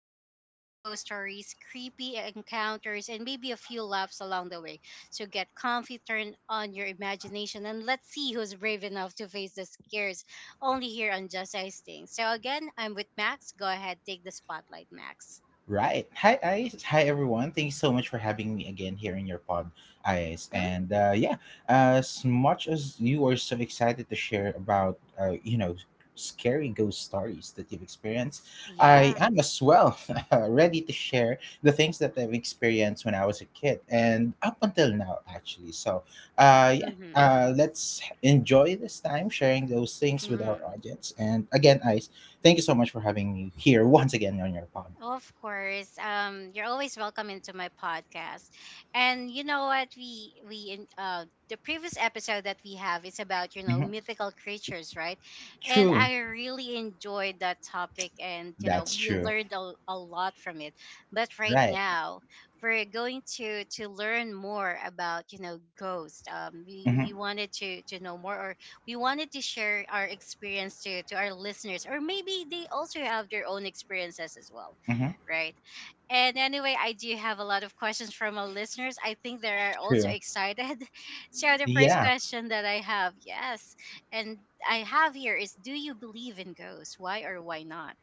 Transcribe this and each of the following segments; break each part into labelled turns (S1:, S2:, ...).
S1: we're diving into ghost stories, creepy encounters, and maybe a few laughs along the way. So get comfy, turn on your imagination, and let's see who's brave enough to face the scares only here on Just Ice Things. So, again, I'm with Max. Go ahead, take the spotlight, Max.
S2: Right. Hi, Ice. Hi, everyone. Thank you so much for having me again here in your pod, Ice.
S1: hmm
S2: And yeah, as much as you are so excited to share about, scary ghost stories that you've experienced, I
S1: Yeah.
S2: am as well ready to share the things that I've experienced when I was a kid and up until now, actually. So yeah,
S1: hmm
S2: let's enjoy this time sharing those things with our
S1: hmm
S2: audience. And again, Ice, thank you so much for having me here once again on your pod.
S1: Of course. You're always welcome into my podcast. And you know what? We in the previous episode that we have is about,
S2: Mm-hmm.
S1: mythical creatures, right? And
S2: True.
S1: I really enjoyed that topic and
S2: That's
S1: we
S2: true.
S1: learned a lot from it. But right
S2: Right.
S1: now, we're going to learn more about, ghosts. We
S2: Hmm.
S1: wanted to know more or we wanted to share our experience to our listeners, or maybe they also have their own experiences as well,
S2: Hmm.
S1: right? And anyway, I do have a lot of questions from our listeners. I think they are also
S2: True.
S1: excited. So the first
S2: Yeah.
S1: question that I have, yes, and I have here is, do you believe in ghosts? Why or why not?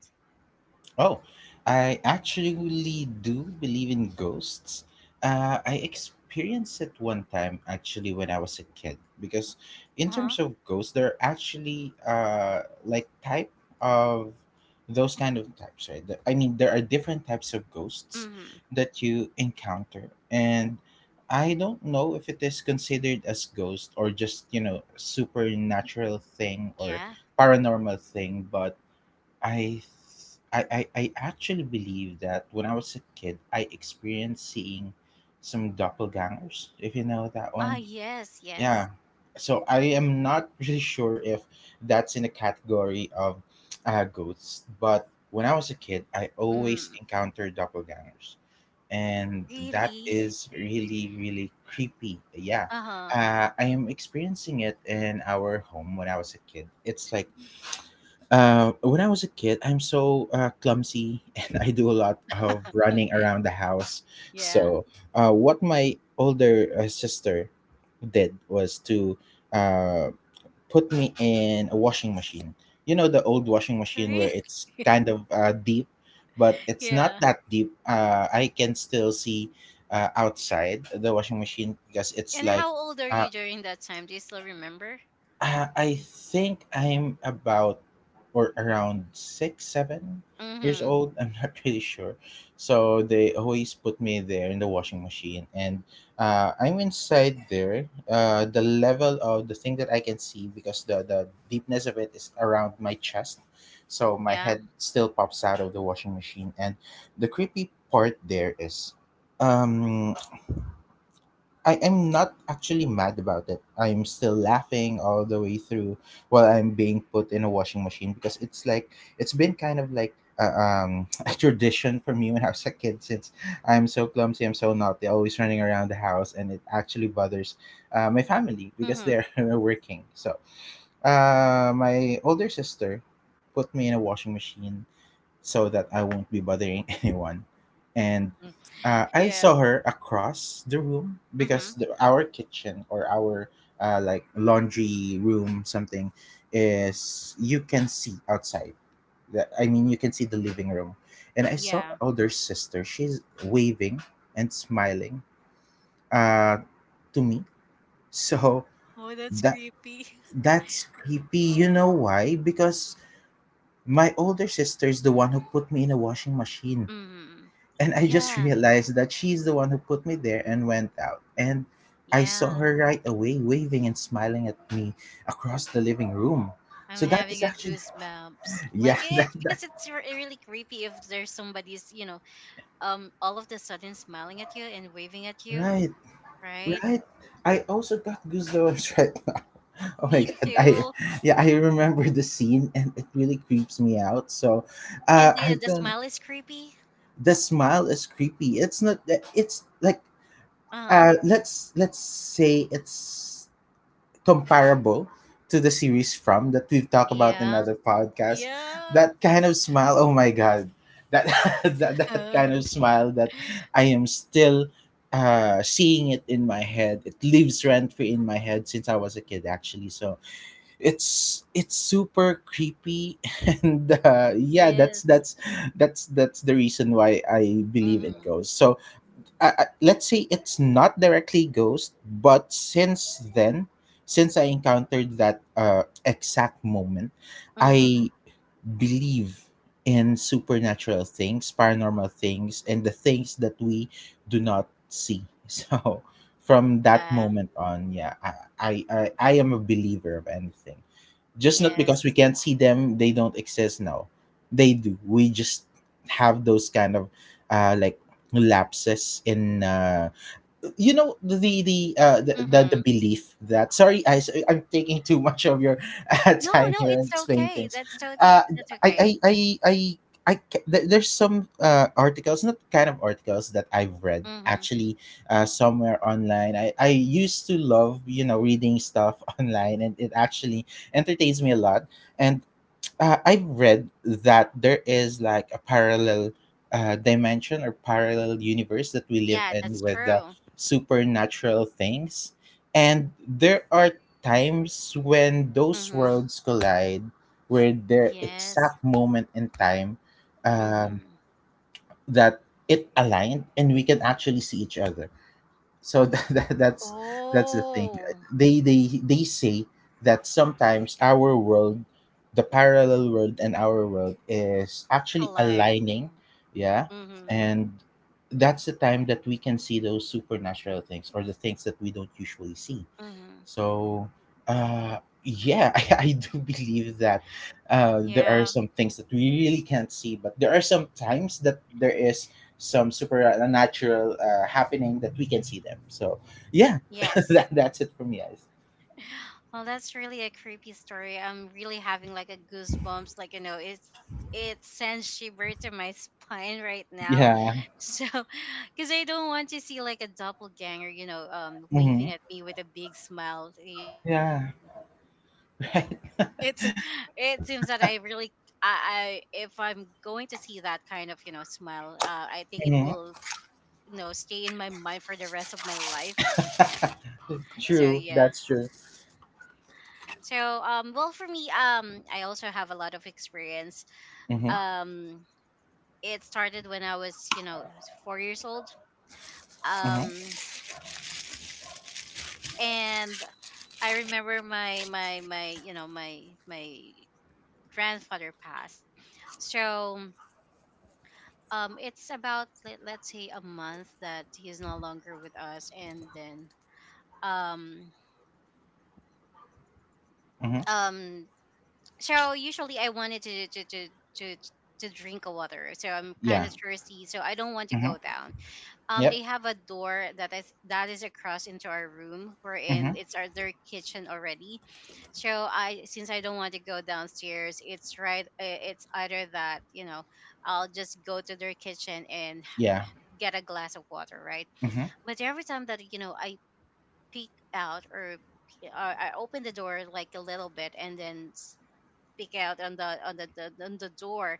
S2: Oh, I actually do believe in ghosts. I experienced it one time actually when I was a kid because in
S1: Uh huh.
S2: terms of ghosts, there are actually like type of those kind of types, right? I mean, there are different types of ghosts
S1: Mm-hmm.
S2: that you encounter, and I don't know if it is considered as ghost or just supernatural thing or
S1: Yeah.
S2: paranormal thing, but I, th- I actually believe that when I was a kid, I experienced seeing some doppelgangers, if you know that
S1: Ah,
S2: one.
S1: yes, yes.
S2: Yeah. So I am not really sure if that's in the category of ghosts, but when I was a kid, I always
S1: Mm.
S2: encountered doppelgangers. And that
S1: Really?
S2: is really, really creepy. Yeah.
S1: Uh huh.
S2: I am experiencing it in our home when I was a kid. It's like when I was a kid, I'm so clumsy and I do a lot of running
S1: Okay.
S2: around the house.
S1: Yeah.
S2: So, what my older sister did was to uh, put me in a washing machine. You know, the old washing machine where
S1: Really?
S2: it's kind of deep, but it's not
S1: Yeah.
S2: that deep. I can still see outside the washing machine because it's
S1: And
S2: like
S1: how old are
S2: uh,
S1: you during that time? Do you still remember?
S2: I think I'm about or around 6, 7 years
S1: Mm-hmm.
S2: old. I'm not really sure. So they always put me there in the washing machine, and I'm inside there. The level of the thing that I can see because the deepness of it is around my chest, so my
S1: Yeah.
S2: head still pops out of the washing machine. And the creepy part there is, um, I am not actually mad about it. I'm still laughing all the way through while I'm being put in a washing machine because it's like it's been kind of like a tradition for me when I was a kid since I'm so clumsy, I'm so naughty, always running around the house, and it actually bothers my family because
S1: Mm-hmm.
S2: they're working. So my older sister put me in a washing machine so that I won't be bothering anyone. And
S1: Mm.
S2: I
S1: Yeah.
S2: saw her across the room because
S1: Mm-hmm.
S2: our kitchen or our like laundry room something is you can see outside. That I mean, you can see the living room, and I saw my
S1: Yeah.
S2: older sister. She's waving and smiling uh, to me. So
S1: Oh, that's
S2: that
S1: creepy.
S2: that's creepy. You know why? Because my older sister is the one who put me in a washing machine.
S1: Mm.
S2: And I just
S1: Yeah,
S2: realized that she's the one who put me there and went out. And I saw
S1: yeah.
S2: her right away waving and smiling at me across the living room.
S1: I'm
S2: So that is
S1: having a
S2: actually,
S1: goosebumps. Like
S2: yeah,
S1: it because it's really creepy if there's somebody's, you know, all of the sudden smiling at you and waving at you,
S2: right,
S1: right?
S2: right. I also got goosebumps right now. Oh my
S1: Me
S2: god,
S1: too.
S2: yeah, I remember the scene and it really creeps me out. So,
S1: And the
S2: I
S1: the
S2: don't.
S1: smile is creepy.
S2: The smile is creepy. It's not. It's like,
S1: Uh-huh.
S2: let's say it's comparable to the series from that we've talked about in
S1: Yeah.
S2: other podcasts.
S1: Yeah.
S2: That kind of smile, oh my god. That that, that kind of smile that I am still seeing it in my head. It lives rent free in my head since I was a kid actually, so it's super creepy and yeah, that's
S1: Yes.
S2: that's that's that's the reason why I believe in
S1: Mm-hmm.
S2: ghosts, so let's say it's not directly ghost, but since then, since I encountered that exact moment,
S1: Mm-hmm.
S2: I believe in supernatural things, paranormal things, and the things that we do not see. So from that
S1: Uh,
S2: moment on, yeah, I am a believer of anything, just not because we
S1: yes.
S2: can't see them they don't exist. No, they do. We just have those kind of like lapses in the
S1: Mm-hmm.
S2: belief that. Sorry, I'm taking too much of your
S1: No,
S2: time
S1: no,
S2: here and
S1: it's
S2: explaining
S1: okay.
S2: things.
S1: That's totally
S2: Uh,
S1: that's
S2: I
S1: okay.
S2: I I I. There's some articles, not kind of articles that I've read
S1: Mm-hmm.
S2: actually somewhere online. I used to love, reading stuff online and it actually entertains me a lot. And I've read that there is like a parallel dimension or parallel universe that we live
S1: Yeah,
S2: in
S1: that's
S2: with the
S1: true.
S2: supernatural things, and there are times when those
S1: Mm-hmm.
S2: worlds collide, where their
S1: Yes.
S2: exact moment in time, um,
S1: Mm-hmm.
S2: that it aligned, and we can actually see each other, so that's that's the thing
S1: Oh,
S2: they say that sometimes our world, the parallel world and our world, is actually
S1: colliding.
S2: aligning, yeah,
S1: Mm-hmm.
S2: and that's the time that we can see those supernatural things or the things that we don't usually see.
S1: Mm-hmm.
S2: So, yeah, I do believe that
S1: Yeah.
S2: there are some things that we really can't see, but there are some times that there is some supernatural happening that we can see them. So, yeah,
S1: Yes.
S2: that's it for me, guys.
S1: Well, that's really a creepy story. I'm really having like a goosebumps. Like you know, it's it sends shiver to my spine right now.
S2: Yeah.
S1: So, because I don't want to see like a doppelganger, you know,
S2: Mm-hmm.
S1: waving at me with a big smile, you know, the
S2: Yeah.
S1: sinister smile.
S2: Right.
S1: It's it seems that I really I if I'm going to see that kind of you know smell, I think it
S2: Mm-hmm.
S1: will you know stay in my mind for the rest of my life. So
S2: True.
S1: yeah.
S2: That's true.
S1: So well for me I also have a lot of experience.
S2: Mm-hmm.
S1: Um it started when I was you know 4 years old.
S2: Mm-hmm.
S1: Um and I remember my my my you know my my grandfather passed. So it's about let's say a month that he's no longer with us, and then um
S2: Mm-hmm.
S1: um so usually I wanted to, to drink a water, so I'm kind of
S2: Yeah.
S1: thirsty, so I don't want to
S2: Mm-hmm.
S1: go down. They
S2: Yep.
S1: have a door that is across into our room we're
S2: Mm-hmm.
S1: in. It's our their kitchen already. So I, since I don't want to go downstairs, it's right, it's either that you know I'll just go to their kitchen and
S2: Yeah.
S1: get a glass of water, right?
S2: Mm-hmm.
S1: But every time that you know I peek out, or I open the door like a little bit and then peek out on the on the door,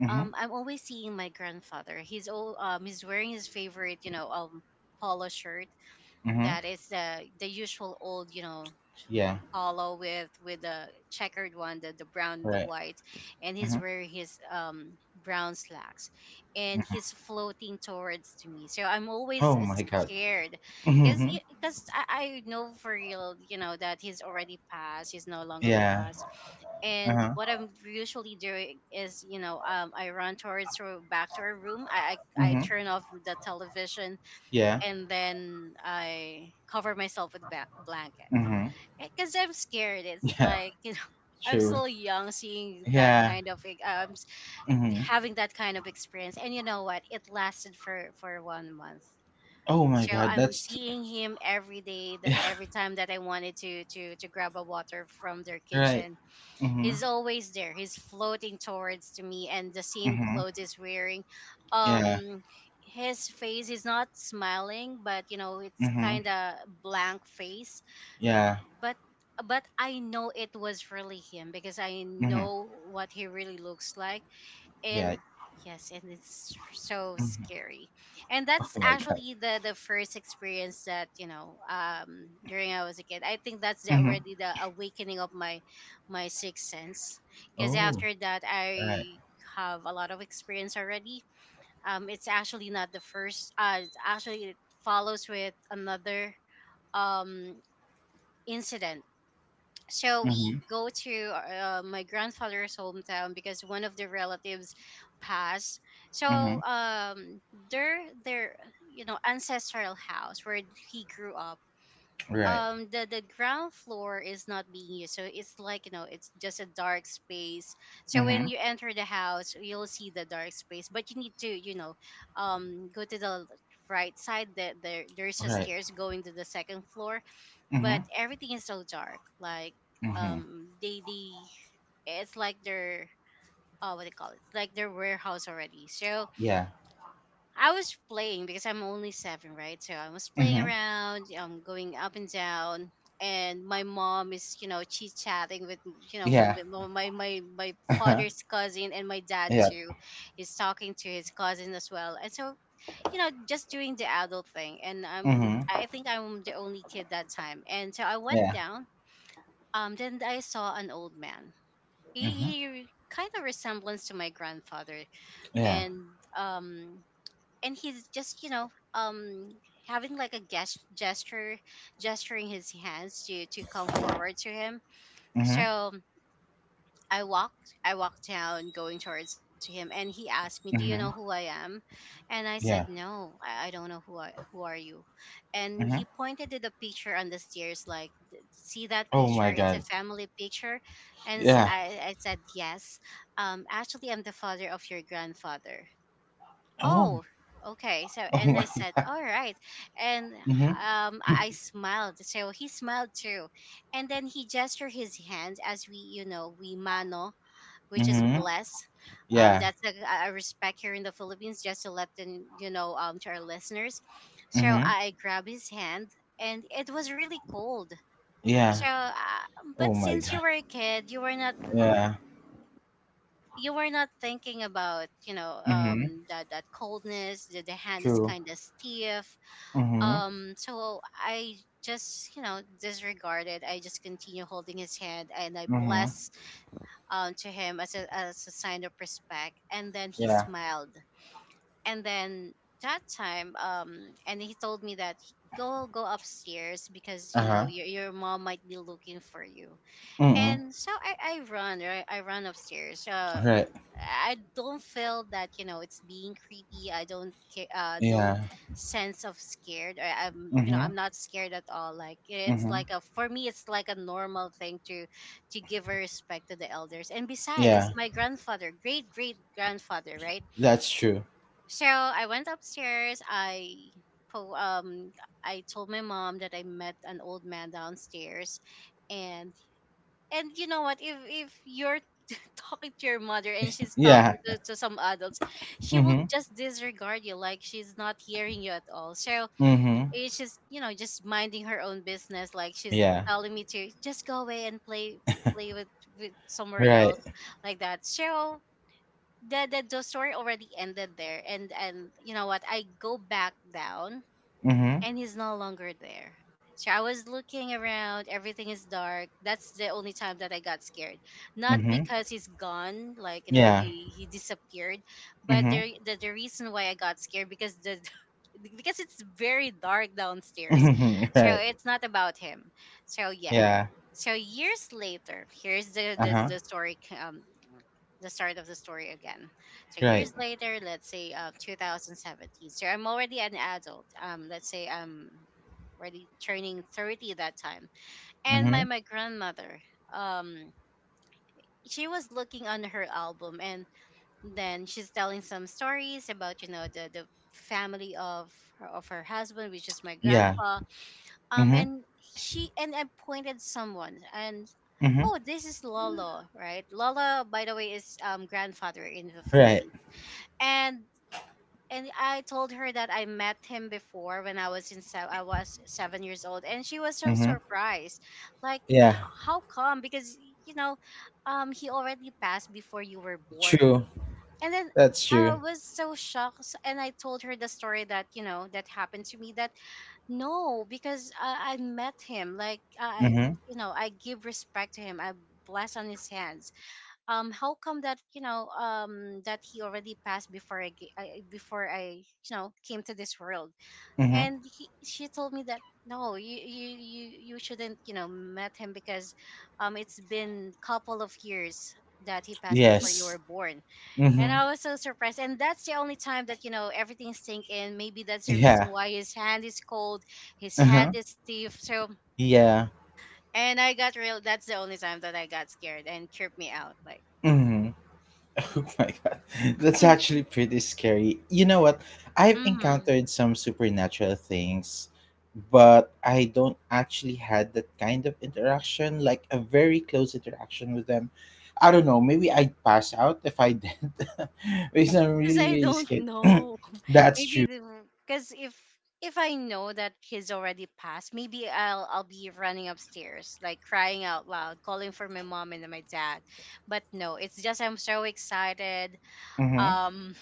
S2: Mm-hmm.
S1: I'm always seeing my grandfather. He's all he's wearing his favorite you know polo shirt
S2: Mm-hmm.
S1: that is the usual old you know
S2: Yeah.
S1: Alo with the checkered one, the brown, the
S2: Right.
S1: white, and he's
S2: Mm-hmm.
S1: wearing his brown slacks, and
S2: Mm-hmm.
S1: he's floating towards to me. So I'm always
S2: Oh my God.
S1: scared, cause
S2: Mm-hmm.
S1: cause I know for real, you know, that he's already passed. He's no longer with
S2: Yeah.
S1: us. And
S2: Uh-huh.
S1: what I'm usually doing is, you know, I run towards or back to our room. I I
S2: Mhm.
S1: turn off the television
S2: Yeah.
S1: and then I cover myself with blanket
S2: Mhm.
S1: because I'm scared. It's
S2: Yeah.
S1: like you know. I'm
S2: True.
S1: still young, seeing that
S2: Yeah.
S1: kind of
S2: Mhm.
S1: having that kind of experience, and you know what? It lasted for 1 month.
S2: Oh my
S1: So
S2: God,
S1: I'm
S2: that's t
S1: seeing him every day. That
S2: yeah,
S1: every time that I wanted to grab a water from their
S2: right.
S1: kitchen,
S2: Mhm.
S1: he's always there. He's floating towards to me and the same
S2: Mhm.
S1: clothes he's wearing.
S2: Yeah.
S1: Um his face is not smiling, but you know, it's
S2: Mhm.
S1: kind of blank face,
S2: Yeah.
S1: but but I know it was really him because I
S2: Mhm.
S1: know what he really looks like,
S2: Yeah.
S1: and yes, and it's so
S2: Mhm.
S1: scary. And that's
S2: Oh my God.
S1: actually the first experience that you know during I was a kid, I think that's
S2: Mhm.
S1: already the awakening of my sixth sense, because
S2: Oh,
S1: after that
S2: right.
S1: I have a lot of experience already. It's actually not the first, it's actually it follows with another um incident. So we
S2: Mhm.
S1: go to my grandfather's hometown because one of the relatives passed. So
S2: Mhm.
S1: um their their you know ancestral house where he grew up,
S2: Right.
S1: the ground floor is not being used, so it's like you know it's just a dark space. So when
S2: Mhm.
S1: you enter the house you'll see the dark space, but you need to you know go to the right side that there's a
S2: Right.
S1: stairs going to the second floor, but
S2: Mhm.
S1: everything is so dark. Like
S2: Mhm.
S1: they it's like their what do you call it? It's like their warehouse already. So
S2: Yeah.
S1: I was playing because I'm only seven, right? So I was playing
S2: Mhm.
S1: around, going up and down. And my mom is, you know, chit chatting with, you know,
S2: Yeah.
S1: with my my father's cousin, and my dad too is talking to his cousin as well. And so, you know, just doing the adult thing. And I'm,
S2: Uh-huh.
S1: I think I'm the only kid that time. And so I went
S2: Yeah.
S1: down, then I saw an old man. He,
S2: Mhm.
S1: he kind of resemblance to my grandfather,
S2: Yeah. Mhm. Yeah.
S1: and um, and he's just you know um having like a gesture, gesturing his hands to come forward to him.
S2: Mhm.
S1: So I walked down going towards him, and he asked me, "Do you
S2: Mhm.
S1: know who I am?" And I
S2: Yeah.
S1: said, "No, I don't know who I who are you." And
S2: Mhm.
S1: he pointed to the picture on the stairs, like see that
S2: Oh
S1: picture?
S2: my
S1: It's a
S2: God.
S1: family picture. And so
S2: Yeah.
S1: I said, "Yes." "Um, actually I'm the father of your grandfather."
S2: Oh.
S1: Oh, okay. So
S2: Oh
S1: and I
S2: my.
S1: said, "All right." And
S2: Mhm,
S1: I smiled. So he smiled too. And then he gestured his hand as we, you know, we mano, which is
S2: mhm,
S1: bless.
S2: yeah,
S1: That's a respect here in the Philippines, just to let them, you know, to our listeners. So
S2: mhm,
S1: I grabbed his hand, and it was really cold. So,
S2: yeah. Oh
S1: but
S2: my
S1: since
S2: god,
S1: you were a kid,
S2: yeah,
S1: you were not thinking about you know
S2: mhm,
S1: that that coldness, the hand is
S2: true,
S1: kind of stiff.
S2: mhm,
S1: So I just you know disregarded. I just continue holding his hand, and I
S2: mhm,
S1: bless, to him as as a sign of respect. And then he
S2: yeah,
S1: smiled. And then that time, and he told me that go go upstairs because you
S2: uh-huh,
S1: know your mom might be looking for you.
S2: mm-mm,
S1: And so I run upstairs.
S2: right,
S1: I don't feel that you know it's being creepy. I don't care don't
S2: yeah,
S1: sense of scared, or I'm you know
S2: mhm,
S1: I'm not scared at all. Like it's
S2: mhm,
S1: like a for me it's like a normal thing to give a respect to the elders, and besides
S2: yeah,
S1: it's my grandfather great great grandfather, right?
S2: that's true,
S1: So I went upstairs. Po- um I told my mom that I met an old man downstairs. and and you know what, if you're talking to your mother and she's
S2: yeah,
S1: talking to some adults, she will
S2: mhm,
S1: just disregard you like she's not hearing you at all. So
S2: mhm,
S1: it's just you know just minding her own business, like she's
S2: yeah,
S1: telling me to just go away and play, play with, with somewhere
S2: right,
S1: else, like that. So the story already ended there. And you know what, I go back down,
S2: mhm,
S1: and he's no longer there. So I was looking around, everything is dark. That's the only time that I got scared. Not
S2: mhm,
S1: because he's gone, like you know,
S2: yeah,
S1: he disappeared, but
S2: mhm,
S1: the reason why I got scared because the because it's very dark downstairs.
S2: mhm,
S1: So
S2: right,
S1: it's not about him. So yeah.
S2: yeah,
S1: So years later, here's
S2: uh-huh,
S1: the story the start of the story again. So
S2: right,
S1: years later, let's say 2017. So I'm already an adult. Let's say I'm already turning 30 that time. And my
S2: mhm,
S1: my grandmother um she was looking on her album, and then she's telling some stories about the family of her husband, which is my
S2: yeah,
S1: grandpa.
S2: mhm,
S1: And she, and I pointed someone and,
S2: mhm,
S1: oh, this is Lolo. Right, Lolo, by the way, is grandfather in the
S2: right,
S1: Philippines. and and I told her that I met him before when I was 7 years old, and she was so
S2: mhm,
S1: surprised. Like,
S2: yeah,
S1: how come? Because you know he already passed before you were born.
S2: true,
S1: And then
S2: that's
S1: I
S2: true,
S1: was so shocked, and I told her the story that, you know, that happened to me. That no, because I met him, like I,
S2: mhm,
S1: I give respect to him. I bless on his hands. How come that, that he already passed before I, ga- I before I, you know, came to this world?
S2: mhm.
S1: And she told me that no, you shouldn't, you know, met him because it's been couple of years that he passed before you
S2: Yes.
S1: were born. And
S2: Mm-hmm.
S1: I was so surprised. And that's the only time that, you know, everything sink in. Maybe that's the reason
S2: Yeah.
S1: why his hand is cold, his hand
S2: Uh-huh.
S1: is stiff. So,
S2: Yeah.
S1: and I got real, that's the only time that I got scared and tripped me out. Like, no.
S2: Mm-hmm. Oh my god. That's actually pretty scary. You know what? I've
S1: mm
S2: encountered some supernatural things, but I don't actually had that kind of interaction, like a very close interaction with them. I don't know, maybe I'd pass out if I did. Because I'm
S1: Because
S2: really,
S1: I
S2: really
S1: don't
S2: scared.
S1: know.
S2: That's
S1: Maybe
S2: true.
S1: because if I know that he's already passed, maybe I'll be running upstairs, like crying out loud, calling for my mom and my dad. But no, it's just I'm so excited.
S2: Mm-hmm.
S1: Um,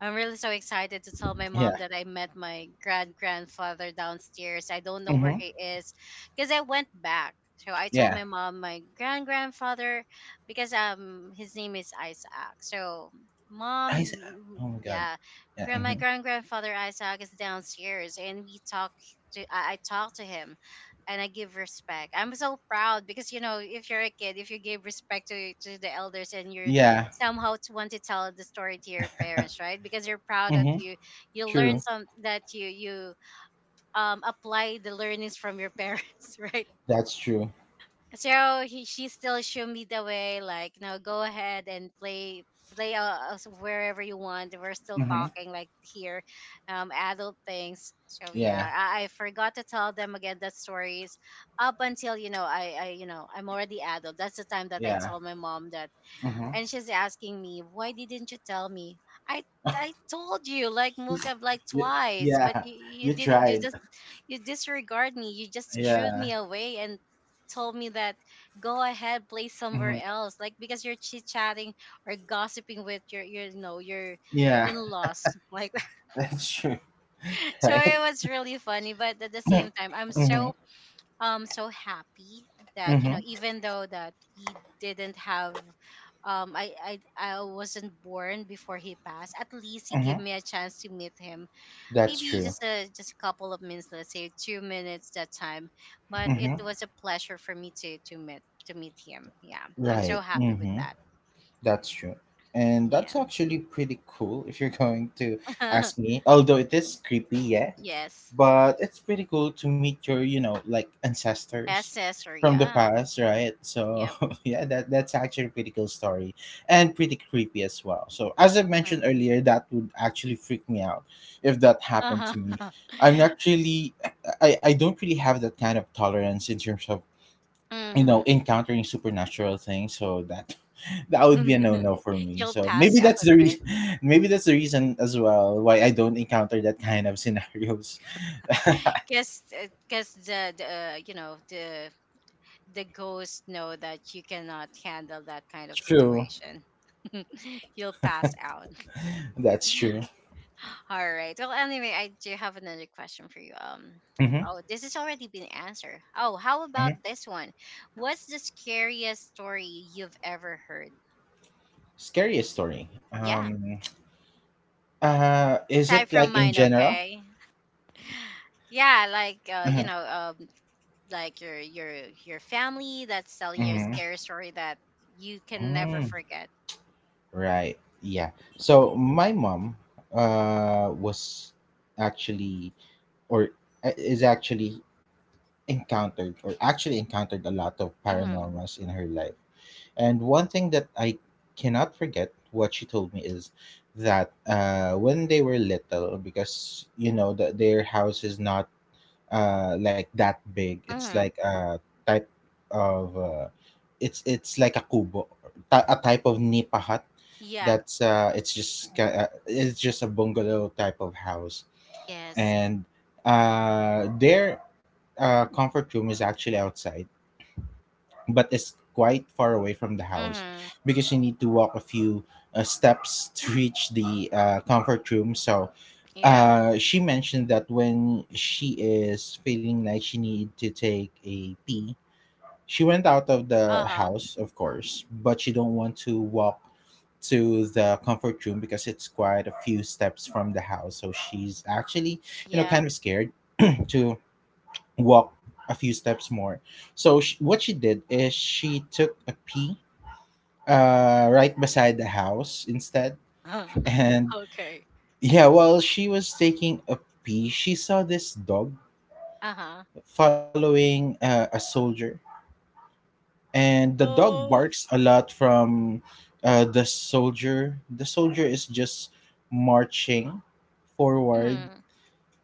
S1: I'm really so excited to tell my
S2: Yeah.
S1: mom that I met my grand grandfather downstairs. I don't know where
S2: Mm-hmm.
S1: he is because I went back. So I told
S2: Yeah.
S1: my mom my grand grandfather because his name is Isaac. So
S2: I
S1: mom,
S2: s- oh my god.
S1: yeah,
S2: Yeah.
S1: grand my
S2: Mm-hmm.
S1: grand grandfather Isaac is downstairs, and we talk to I talk to him and I give respect. I'm so proud because, you know, if you're a kid, if you give respect to the elders, and you're
S2: Yeah.
S1: somehow to want to tell the story to your parents, right? Because you're proud that
S2: Mm-hmm.
S1: you learn
S2: True.
S1: some that you apply the learnings from your parents, right?
S2: That's true.
S1: So he she still showed me the way, like, now go ahead and play, play us wherever you want. We're still
S2: Hmm.
S1: talking like here adult things. So
S2: Yeah,
S1: yeah, I forgot to tell them again that stories up until, you know, I'm already adult. That's the time that I
S2: yeah.
S1: told my mom that.
S2: Hmm.
S1: And she's asking me, "Why didn't you tell me?" I I told you like multiple, like
S2: You,
S1: twice, but
S2: yeah,
S1: you
S2: you
S1: didn't. You
S2: tried.
S1: just, you disregard me. You just shooed
S2: Yeah,
S1: me away and told me that go ahead play somewhere
S2: hmm,
S1: else, like because you're chit chatting or gossiping with your you know your
S2: yeah.
S1: in-laws, like that.
S2: That's true,
S1: So it
S2: right?
S1: was really funny, but at the same time I'm
S2: Hmm.
S1: so so happy that, you
S2: Hmm.
S1: know, even though that we didn't have, I wasn't born before he passed, at least he gave
S2: Hmm.
S1: me a chance to meet him.
S2: That's
S1: Maybe
S2: true.
S1: just a couple of minutes, let's say 2 minutes that time, but it
S2: Hmm.
S1: was a pleasure for me to meet to meet him. Yeah, I'm so
S2: Right.
S1: happy with
S2: Hmm.
S1: that.
S2: That's true. And that's
S1: Yeah.
S2: actually pretty cool if you're going to ask me. Although it is creepy, yeah.
S1: Yes.
S2: But it's pretty cool to meet your, like
S1: Yes,
S2: ancestors
S1: sister.
S2: from the
S1: Yeah.
S2: past, right? So
S1: Yep.
S2: yeah, that's actually a pretty cool story. And pretty creepy as well. So as I mentioned
S1: Mm.
S2: earlier, that would actually freak me out if that happened to me.
S1: Uh-huh.
S2: I'm not really I don't really have that kind of tolerance in terms of
S1: Mhm.
S2: encountering supernatural things, so that that would be a no-no for me,
S1: You'll
S2: so
S1: pass
S2: maybe
S1: out,
S2: that's the
S1: right?
S2: reason. Maybe that's the reason as well why I don't encounter that kind of scenarios.
S1: Because because the, the uh, you know the the ghosts know that you cannot handle that kind of
S2: True.
S1: situation. You'll pass out.
S2: That's true.
S1: All right. Well, anyway, I do have another question for you.
S2: Hmm.
S1: Oh, this has already been answered. Oh, how
S2: Hmm.
S1: about this one? What's the scariest story you've ever heard?
S2: Scariest story,
S1: Yeah,
S2: is
S1: aside
S2: it like
S1: from
S2: in
S1: mine,
S2: general?
S1: okay. Yeah, like
S2: Uh huh.
S1: like your family that's telling you a
S2: Hmm.
S1: scary story that you can never
S2: Mm.
S1: forget.
S2: Right, yeah, so my mom was actually, or is actually, encountered or actually encountered a lot of
S1: Mm-hmm.
S2: paranormals in her life. And one thing that I cannot forget what she told me is that when they were little, because their house is not like that big. It's
S1: Mm-hmm.
S2: like a type of it's like a kubo, a type of nipa hut.
S1: Yeah.
S2: That's it's just a bungalow type of house,
S1: Yes.
S2: and their comfort room is actually outside, but it's quite far away from the house
S1: Mm-hmm.
S2: because you need to walk a few steps to reach the comfort room. So
S1: Yep.
S2: she mentioned that when she is feeling like she need to take a pee, she went out of the
S1: Uh-huh.
S2: house, of course, but she don't want to walk to the comfort room because it's quite a few steps from the house. So she's actually, you know,
S1: Yeah.
S2: kind of scared to walk a few steps more. So sh what she did is she took a pee right beside the house instead. And
S1: Okay.
S2: yeah, while she was taking a pee, she saw this dog
S1: Uh-huh.
S2: following a soldier. And the dog
S1: Oh.
S2: barks a lot from the soldier. The soldier is just marching forward.
S1: Mm-hmm.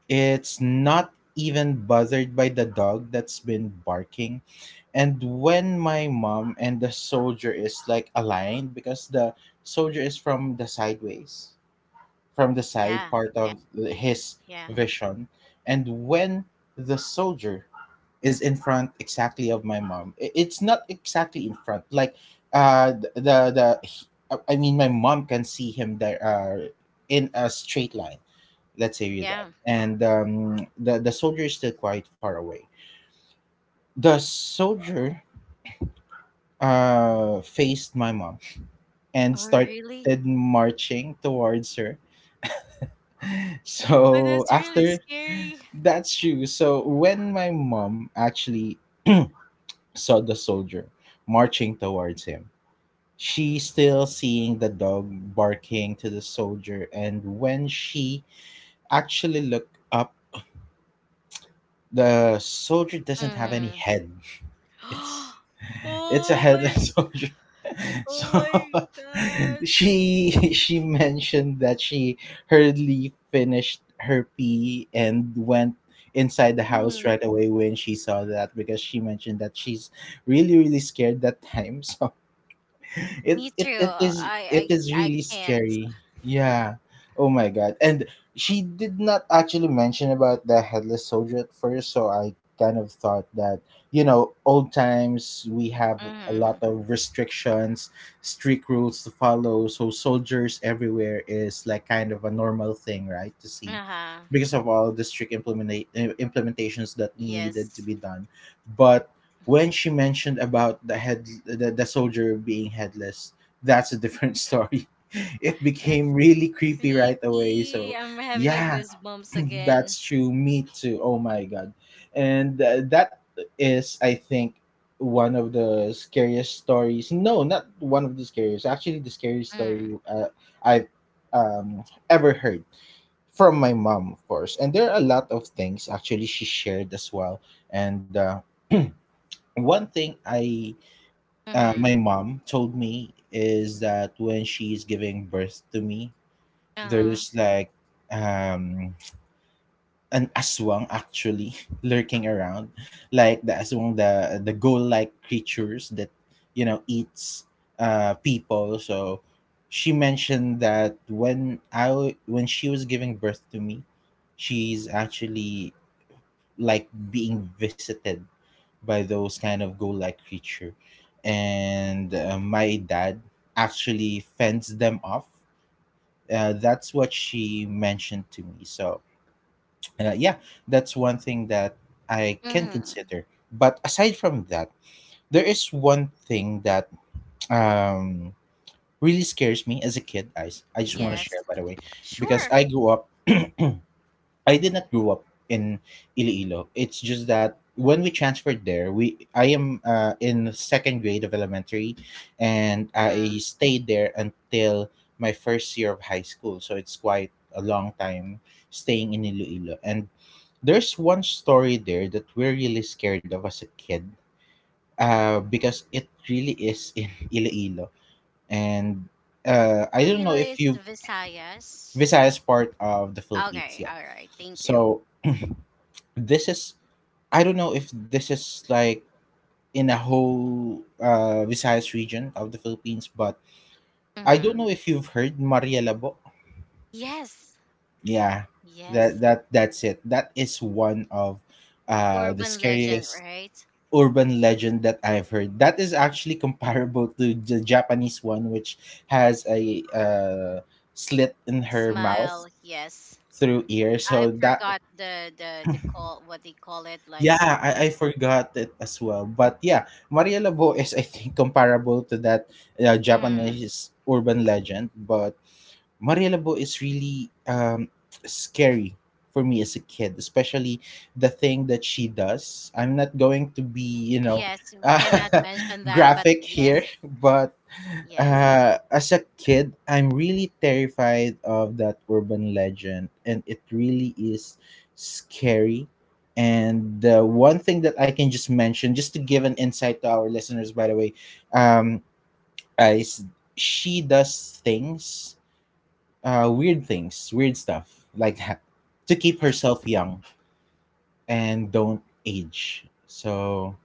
S2: It's not even bothered by the dog that's been barking. And when my mom and the soldier is like aligned, because the soldier is from the sideways, from the side
S1: Yeah.
S2: part
S1: Yeah.
S2: of his
S1: Yeah.
S2: vision. And when the soldier is in front exactly of my mom, it's not exactly in front, like the I mean, my mom can see him there, in a straight line, let's say, with that.
S1: Yeah.
S2: And the soldier is still quite far away, the soldier faced my mom and
S1: Oh, really?
S2: started marching towards her.
S1: Oh,
S2: so
S1: that's really
S2: after
S1: scary.
S2: that's true, so when my mom actually saw the soldier marching towards him, she's still seeing the dog barking to the soldier. And when she actually looked up, the soldier doesn't have any
S1: Mm-hmm.
S2: head. It's it's a
S1: Oh my.
S2: headless soldier.
S1: Oh
S2: So
S1: my God.
S2: she mentioned that she hurriedly finished her pee and went inside the house
S1: Mm-hmm.
S2: right away when she saw that, because she mentioned that she's really really scared that time. So it
S1: Me
S2: it
S1: too.
S2: it is
S1: I
S2: really
S1: can't.
S2: scary. Yeah. Oh my God. And she did not actually mention about the headless soldier at first, so I kind of thought that, you know, old times we have a lot
S1: Mm-hmm.
S2: of restrictions, strict rules to follow, so soldiers everywhere is like kind of a normal thing, right, to see
S1: Uh-huh.
S2: because of all the strict implementations that needed to
S1: Yes.
S2: be done. But when she mentioned about the soldier being headless, that's a different story. It became
S1: That's
S2: really creepy right away.
S1: creepy.
S2: So,
S1: I'm having a
S2: yeah,
S1: goosebumps again.
S2: that's true. Me too. Oh my God. And that is, I think, one of the scariest stories. No, not one of the scariest. Actually, the scariest
S1: Mm.
S2: story I've ever heard from my mom, of course. And there are a lot of things actually she shared as well. And one thing I my
S1: Mm-hmm.
S2: mom told me is that when she's giving birth to me,
S1: Uh-huh.
S2: there's like um an aswang actually lurking around, like the aswang, the ghoul-like creatures that, you know, eats people. So she mentioned that when she was giving birth to me, she's actually like being visited by those kind of ghoul-like creature. And my dad actually fenced them off. That's what she mentioned to me. So yeah, that's one thing that I can
S1: Mm-hmm.
S2: consider. But aside from that, there is one thing that um, really scares me as a kid. I just want to share,
S1: Yes.
S2: by the way, because
S1: Sure.
S2: I did not grow up in Iloilo. It's just that when we transferred there, we I am, in second grade of elementary, and I
S1: Mm.
S2: stayed there until my first year of high school. So it's quite a long time staying in Iloilo. And there's one story there that we're really scared of as a kid, because it really is in Iloilo. And I don't know
S1: Iloilo
S2: if
S1: is
S2: you
S1: Visayas.
S2: Visayas part of the Philippines,
S1: Okay.
S2: yeah.
S1: All right. Thank you.
S2: So this is, I don't know if this is like in a whole, Visayas region of the Philippines, but I don't
S1: Mm-hmm.
S2: know if you've heard Maria Labo.
S1: Yes.
S2: Yeah, that
S1: Yes.
S2: that that's it. That is one of, the
S1: Urban legend,
S2: scariest
S1: right?
S2: urban legend that I've heard. That is actually comparable to the Japanese one, which has a, slit in
S1: Big
S2: her mouth
S1: smile. Yes.
S2: through ear.
S1: I
S2: So that,
S1: forgot the call what they call it, like,
S2: yeah,
S1: you know.
S2: I forgot it as well. But yeah, Maria Labo is, I think, comparable to that
S1: Mm.
S2: Japanese urban legend. But Marielabo is really scary for me as a kid, especially the thing that she does. I'm not going to be, you know,
S1: Yes, we cannot
S2: uh,
S1: mention that, but
S2: graphic here.
S1: yes,
S2: But
S1: yes,
S2: as a kid, I'm really terrified of that urban legend, and it really is scary. And the one thing that I can just mention, just to give an insight to our listeners, by the way, um, is she does things, weird things, weird stuff like that, to keep
S1: yes.
S2: herself young and don't age. So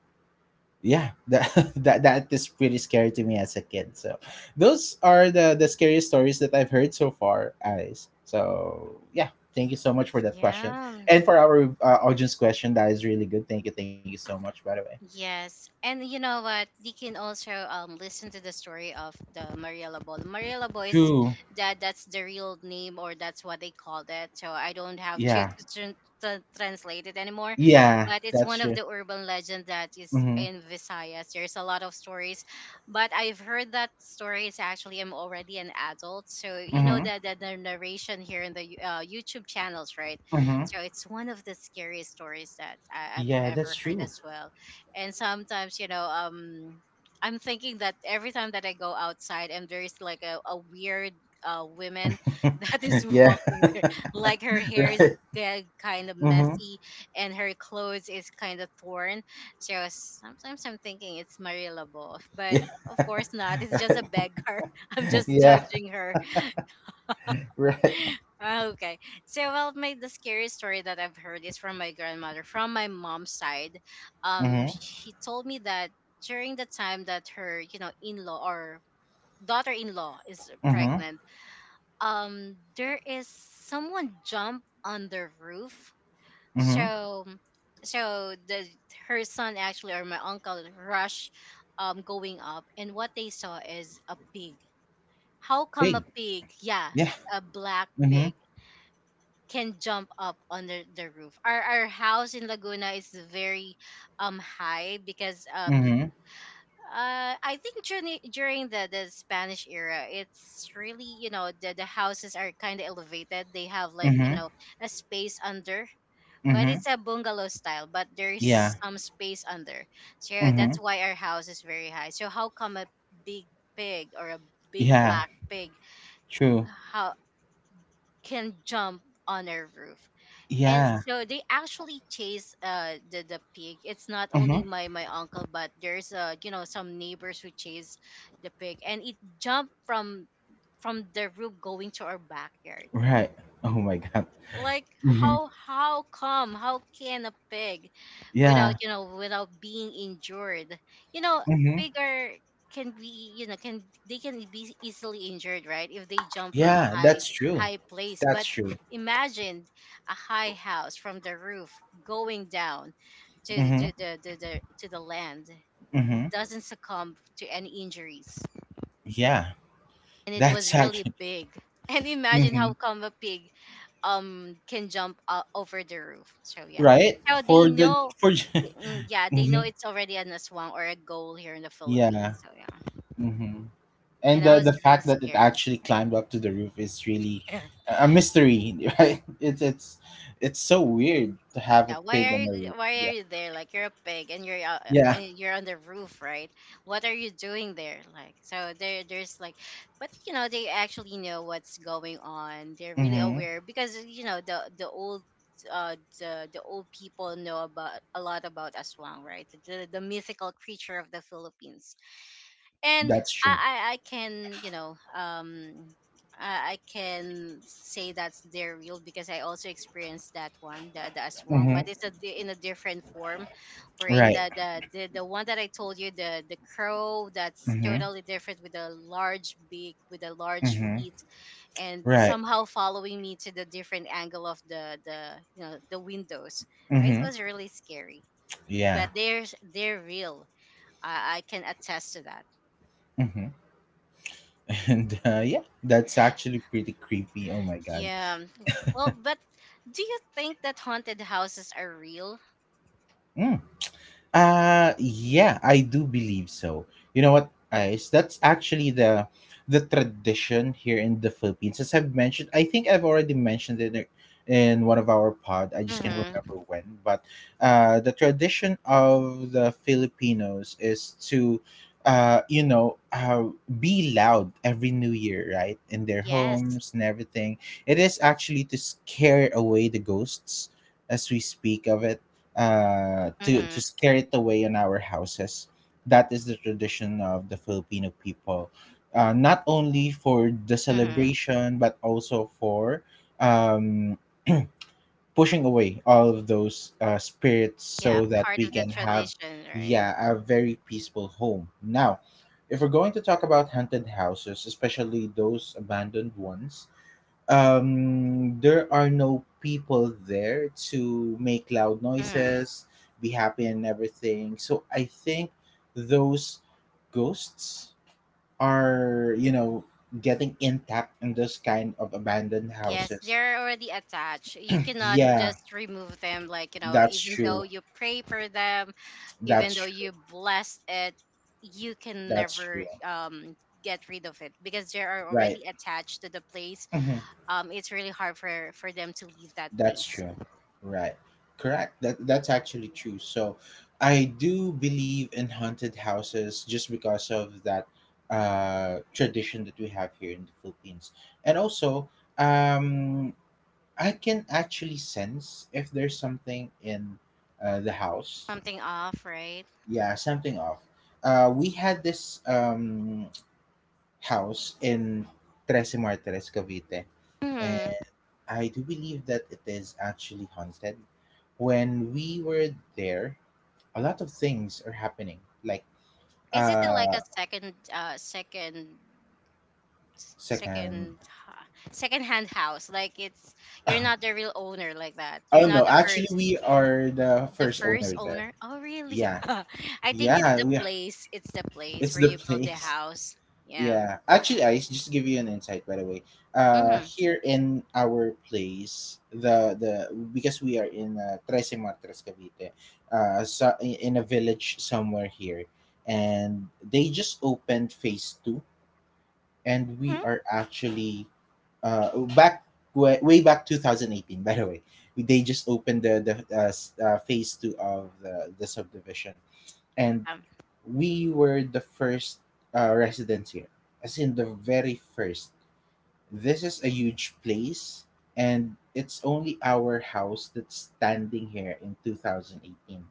S2: yeah, that that that is pretty scary to me as a kid. So those are the scariest stories that I've heard so far, Alice. So yeah, thank you so much for that question
S1: Yeah.
S2: and for our, audience question. That is really good. Thank you so much. By the way,
S1: Yes, and you know what? You can also listen to the story of the Mariela Ball. Mariela Ball is
S2: true.
S1: that's the real name, or that's what they called it. So I don't have to,
S2: Yeah,
S1: to translate it anymore.
S2: yeah,
S1: But it's
S2: that's
S1: one of
S2: true.
S1: the urban legend that is
S2: Mm-hmm.
S1: in Visayas. There's a lot of stories, but I've heard that story is actually I'm already an adult. So you know
S2: Mm-hmm.
S1: that the narration here in the YouTube channels, right?
S2: Mm-hmm.
S1: So it's one of the scariest stories that
S2: Yeah,
S1: I've
S2: that's
S1: ever heard
S2: true.
S1: as well. And sometimes, you know, I'm thinking that every time that I go outside, and there's like a weird woman that is
S2: yeah,
S1: walking there, like her hair is
S2: right.
S1: get kind of
S2: Mm-hmm.
S1: messy and her clothes is kind of torn. So sometimes I'm thinking it's Marilabo, but
S2: Yeah.
S1: of course not, it's just a beggar. I'm just
S2: Yeah.
S1: judging her.
S2: Right.
S1: Ah, okay. So, well, my the scariest story that I've heard is from my grandmother, from my mom's side.
S2: Mm-hmm.
S1: She told me that during the time that her, you know, in-law or daughter-in-law is
S2: Mm-hmm.
S1: pregnant, there is someone jump on the roof.
S2: Mm-hmm.
S1: So, so the her son actually, or my uncle rush, going up, and what they saw is a pig. How come
S2: Big.
S1: a pig? Yeah,
S2: Yeah.
S1: a black
S2: Mm-hmm.
S1: pig can jump up under the roof. Our house in Laguna is very high because
S2: Mm-hmm.
S1: I think during the Spanish era, it's really, you know, the houses are kind of elevated. They have, like, you
S2: Mm-hmm.
S1: know, a space under, but
S2: Mm-hmm.
S1: it's a bungalow style. But
S2: Yeah.
S1: there's some space under, so
S2: Mm-hmm.
S1: that's why our house is very high. So how come a big pig, or a big
S2: Yeah.
S1: black pig,
S2: True.
S1: how can jump on our roof? And
S2: Yeah.
S1: so they actually chase the pig. It's not
S2: Mm-hmm.
S1: only my uncle, but there's, some neighbors who chase the pig, and it jumped from the roof going to our backyard.
S2: Right. Oh my God.
S1: Like,
S2: Mm-hmm.
S1: how come, how can a pig without,
S2: Yeah.
S1: you know, without being injured? You know,
S2: Mm-hmm.
S1: pig are, can be, you know, can, they can be easily injured, right, if they jump from a
S2: Yeah, that's true.
S1: high place. But
S2: That's true.
S1: imagine a high house from the roof going down to
S2: Mm-hmm.
S1: the land. It
S2: Mm-hmm.
S1: doesn't succumb to any injuries,
S2: Yeah.
S1: and it was
S2: That's
S1: really
S2: actually
S1: big. And imagine
S2: mm-hmm.
S1: how come a pig can jump over the roof. So yeah,
S2: Right?
S1: so they
S2: For the
S1: know,
S2: for
S1: mm, yeah, they know
S2: mm-hmm.
S1: it's already an aswang, or a goal here in the
S2: Yeah.
S1: Philippines. So yeah,
S2: Mm-hmm.
S1: and
S2: And
S1: I was
S2: the
S1: really
S2: fact that it
S1: scared.
S2: actually climbed up to the roof is really a mystery, right? It's it's so weird to have
S1: Yeah,
S2: a
S1: why
S2: pig
S1: are
S2: on
S1: you
S2: the roof.
S1: why are
S2: Yeah,
S1: you there? Like, you're a pig and
S2: yeah.
S1: you're on the roof, right? What are you doing there? Like, so there there's like, but you know they actually know what's going on. They're really
S2: Mm-hmm.
S1: aware because, you know, the old people know about a lot about aswang, right, the mythical creature of the Philippines. And
S2: That's
S1: I,
S2: true.
S1: I can, you know, I can say that's their real, because I also experienced that one, the aswang,
S2: Mm-hmm.
S1: but it's in a different form, wherein
S2: Right.
S1: the one that I told you, the crow, that's
S2: Mm-hmm.
S1: totally different, with a large beak, with a large
S2: Mm-hmm.
S1: feet, and
S2: Right.
S1: somehow following me to the different angle of the you know the windows, right? It
S2: Mm-hmm.
S1: was really scary.
S2: Yeah.
S1: But they're real. I can attest to that.
S2: Mm-hmm. And yeah, that's actually pretty creepy. Oh my God.
S1: Yeah. Well, but do you think that haunted houses are real?
S2: Mm. Uh, yeah, I do believe so. You know what, Ice? That's actually the tradition here in the Philippines. As I've mentioned, I think I've already mentioned it in one of our pod. I just can't
S1: Mm-hmm.
S2: remember when. But the tradition of the Filipinos is to uh you know uh be loud every new year, right, in their
S1: Yes.
S2: homes and everything. It is actually to scare away the ghosts, as we speak of it,
S1: Mm-hmm.
S2: to scare it away in our houses. That is the tradition of the Filipino people, not only for the
S1: Mm-hmm.
S2: celebration but also for um, pushing away all of those, spirits
S1: Yeah,
S2: so that
S1: part
S2: we
S1: of the
S2: can have
S1: tradition, right?
S2: yeah a very peaceful home. Now if we're going to talk about haunted houses, especially those abandoned ones, there are no people there to make loud
S1: Mm-hmm.
S2: noises, be happy and everything. So I think those ghosts are, you know, getting intact in this kind of abandoned
S1: Yes,
S2: houses.
S1: they're already attached. You cannot
S2: Yeah,
S1: just remove them, like, you know,
S2: that's
S1: even though
S2: true.
S1: you pray for them, even
S2: That's
S1: though
S2: true.
S1: you bless it, you can
S2: That's
S1: never
S2: true.
S1: get rid of it, because they are
S2: Right.
S1: already attached to the place.
S2: Mhm.
S1: It's really hard for them to leave that
S2: That's
S1: place.
S2: true. Right. Correct. That that's actually true. So I do believe in haunted houses just because of that tradition that we have here in the Philippines. And also, um I can actually sense if there's something in, the house.
S1: Something off, right?
S2: Yeah, something off. Uh, we had this house in Trece Martires, Cavite.
S1: Hmm.
S2: I do believe that it is actually haunted. When we were there, a lot of things are happening. Like,
S1: Is it like a
S2: uh,
S1: second,
S2: second.
S1: second, second-hand house? Like, it's you're not the real owner, like that. You're
S2: Oh
S1: not
S2: no,
S1: the
S2: actually,
S1: first,
S2: we are the
S1: the
S2: first
S1: first
S2: owner there.
S1: owner. Oh, really?
S2: Yeah,
S1: I think it's
S2: yeah,
S1: the
S2: we are,
S1: place. It's the place
S2: it's
S1: where
S2: the
S1: you build the
S2: place.
S1: house. Yeah.
S2: Yeah, actually, I just give you an insight. By the way,
S1: Mm-hmm.
S2: here in our place, the because we are in, Trece Martres, Cavite, so in a village somewhere here, and they just opened phase two, and we
S1: Mm-hmm.
S2: are actually back way, way back 2018, by the way. They just opened phase two of the subdivision. And
S1: Yeah.
S2: we were the first residents here, as in the very first. This is a huge place, and it's only our house that's standing here in 2018.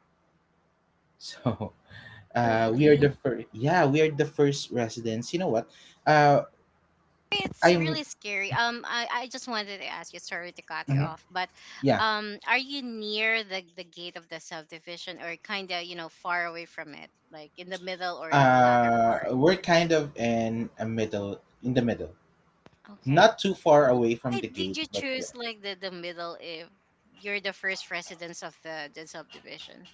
S2: So,
S1: Oh,
S2: we are
S1: really?
S2: the first. Yeah, we are the first residents. You know what? Uh,
S1: It's
S2: I'm.
S1: really scary. I just wanted to ask you. Sorry to cut you
S2: Mhm,
S1: off, but
S2: yeah.
S1: are you near the gate of the subdivision, or kind of you know far away from it, like in the middle or in the latter part?
S2: We're kind of in a middle, in the middle,
S1: Okay.
S2: not too far away from
S1: Why
S2: the
S1: did
S2: gate,
S1: you
S2: but
S1: choose like the middle if you're the first residents of the subdivision?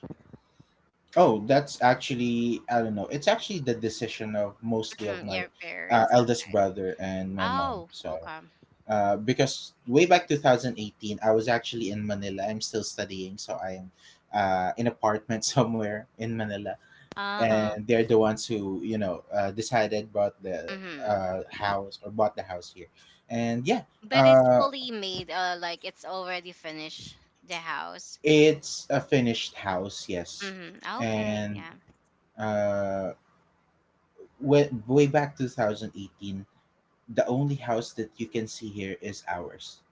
S2: Oh, that's actually I don't know. It's actually the decision of mostly of
S1: Mhm,
S2: my,
S1: your parents. Okay.
S2: eldest brother and my mom.
S1: Oh,
S2: So,
S1: okay.
S2: because way back 2018, I was actually in Manila. I'm still studying, so I am in apartment somewhere in Manila,
S1: Uh huh.
S2: and they're the ones who, you know, decided bought the,
S1: Mm-hmm.
S2: house or bought the house here, and yeah,
S1: But it's
S2: uh,
S1: fully made. Like it's already finished. The house.
S2: it's a finished house, yes,
S1: Mm-hmm. Okay.
S2: and.
S1: Yeah.
S2: Uh, way, way back 2018, the only house that you can see here is ours,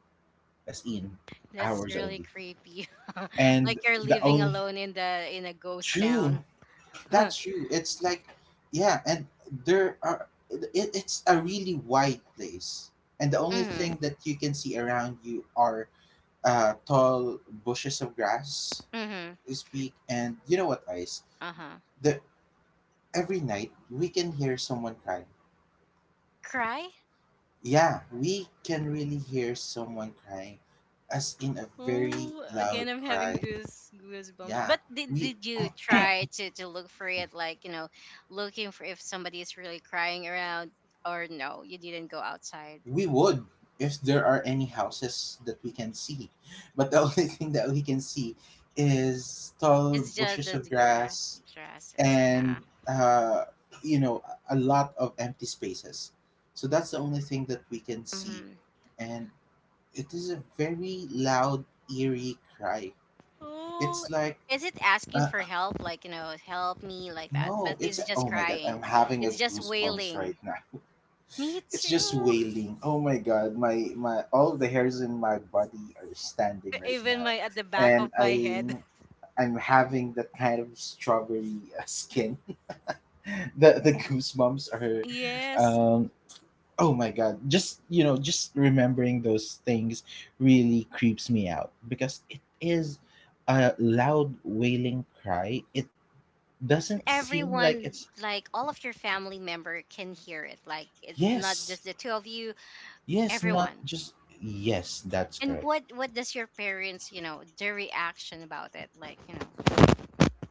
S2: as in
S1: That's
S2: ours
S1: really
S2: only.
S1: creepy.
S2: And
S1: Like you're
S2: the
S1: living
S2: only
S1: alone in the in a ghost
S2: true,
S1: town. Mhm.
S2: that's true. It's like, yeah, and there are, it, it's a really wide place. And the only thing that you can see around you are, tall bushes of grass,
S1: Mhm.
S2: this peak. And you know what, Ice?
S1: Uh-huh.
S2: The, every night we can hear someone crying.
S1: Cry?
S2: Yeah, we can really hear someone crying, as in a very
S1: Oh, again
S2: loud
S1: I'm having
S2: cry.
S1: goosebumps.
S2: Yeah,
S1: But did,
S2: we
S1: did you try to look for it, like, you know, looking for if somebody is really crying around, or no, you didn't go outside.
S2: we would if there are any houses that we can see, but the only thing that we can see is tall
S1: It's just
S2: bushes
S1: the
S2: of
S1: the grass,
S2: grass
S1: the grasses.
S2: and,
S1: Yeah.
S2: uh, you know, a lot of empty spaces. So that's the only thing that we can see,
S1: Mhm.
S2: and it is a very loud, eerie cry.
S1: Oh,
S2: It's like
S1: is it asking
S2: uh,
S1: for help? Like, you know, help me like that.
S2: no,
S1: But
S2: it's,
S1: it's just
S2: oh my God,
S1: crying.
S2: I'm having a
S1: It's just
S2: goosebumps right
S1: wailing.
S2: now.
S1: Me
S2: It's just
S1: too.
S2: wailing. Oh my God, my all the hairs in my body are standing right
S1: Even
S2: now,
S1: my at the back
S2: and
S1: of my head.
S2: I'm I'm having that kind of strawberry skin. The goosebumps are,
S1: Yes.
S2: um, oh my God. Just just remembering those things really creeps me out because it is a loud wailing cry. It doesn't seem like
S1: Everyone,
S2: it's...
S1: like all of your family member can hear it. Like it's not just
S2: Yes.
S1: the two of you,
S2: Yes, not
S1: everyone.
S2: just... Yes, that's
S1: And
S2: correct.
S1: what does your parents, you know, their reaction about it? Like, you know,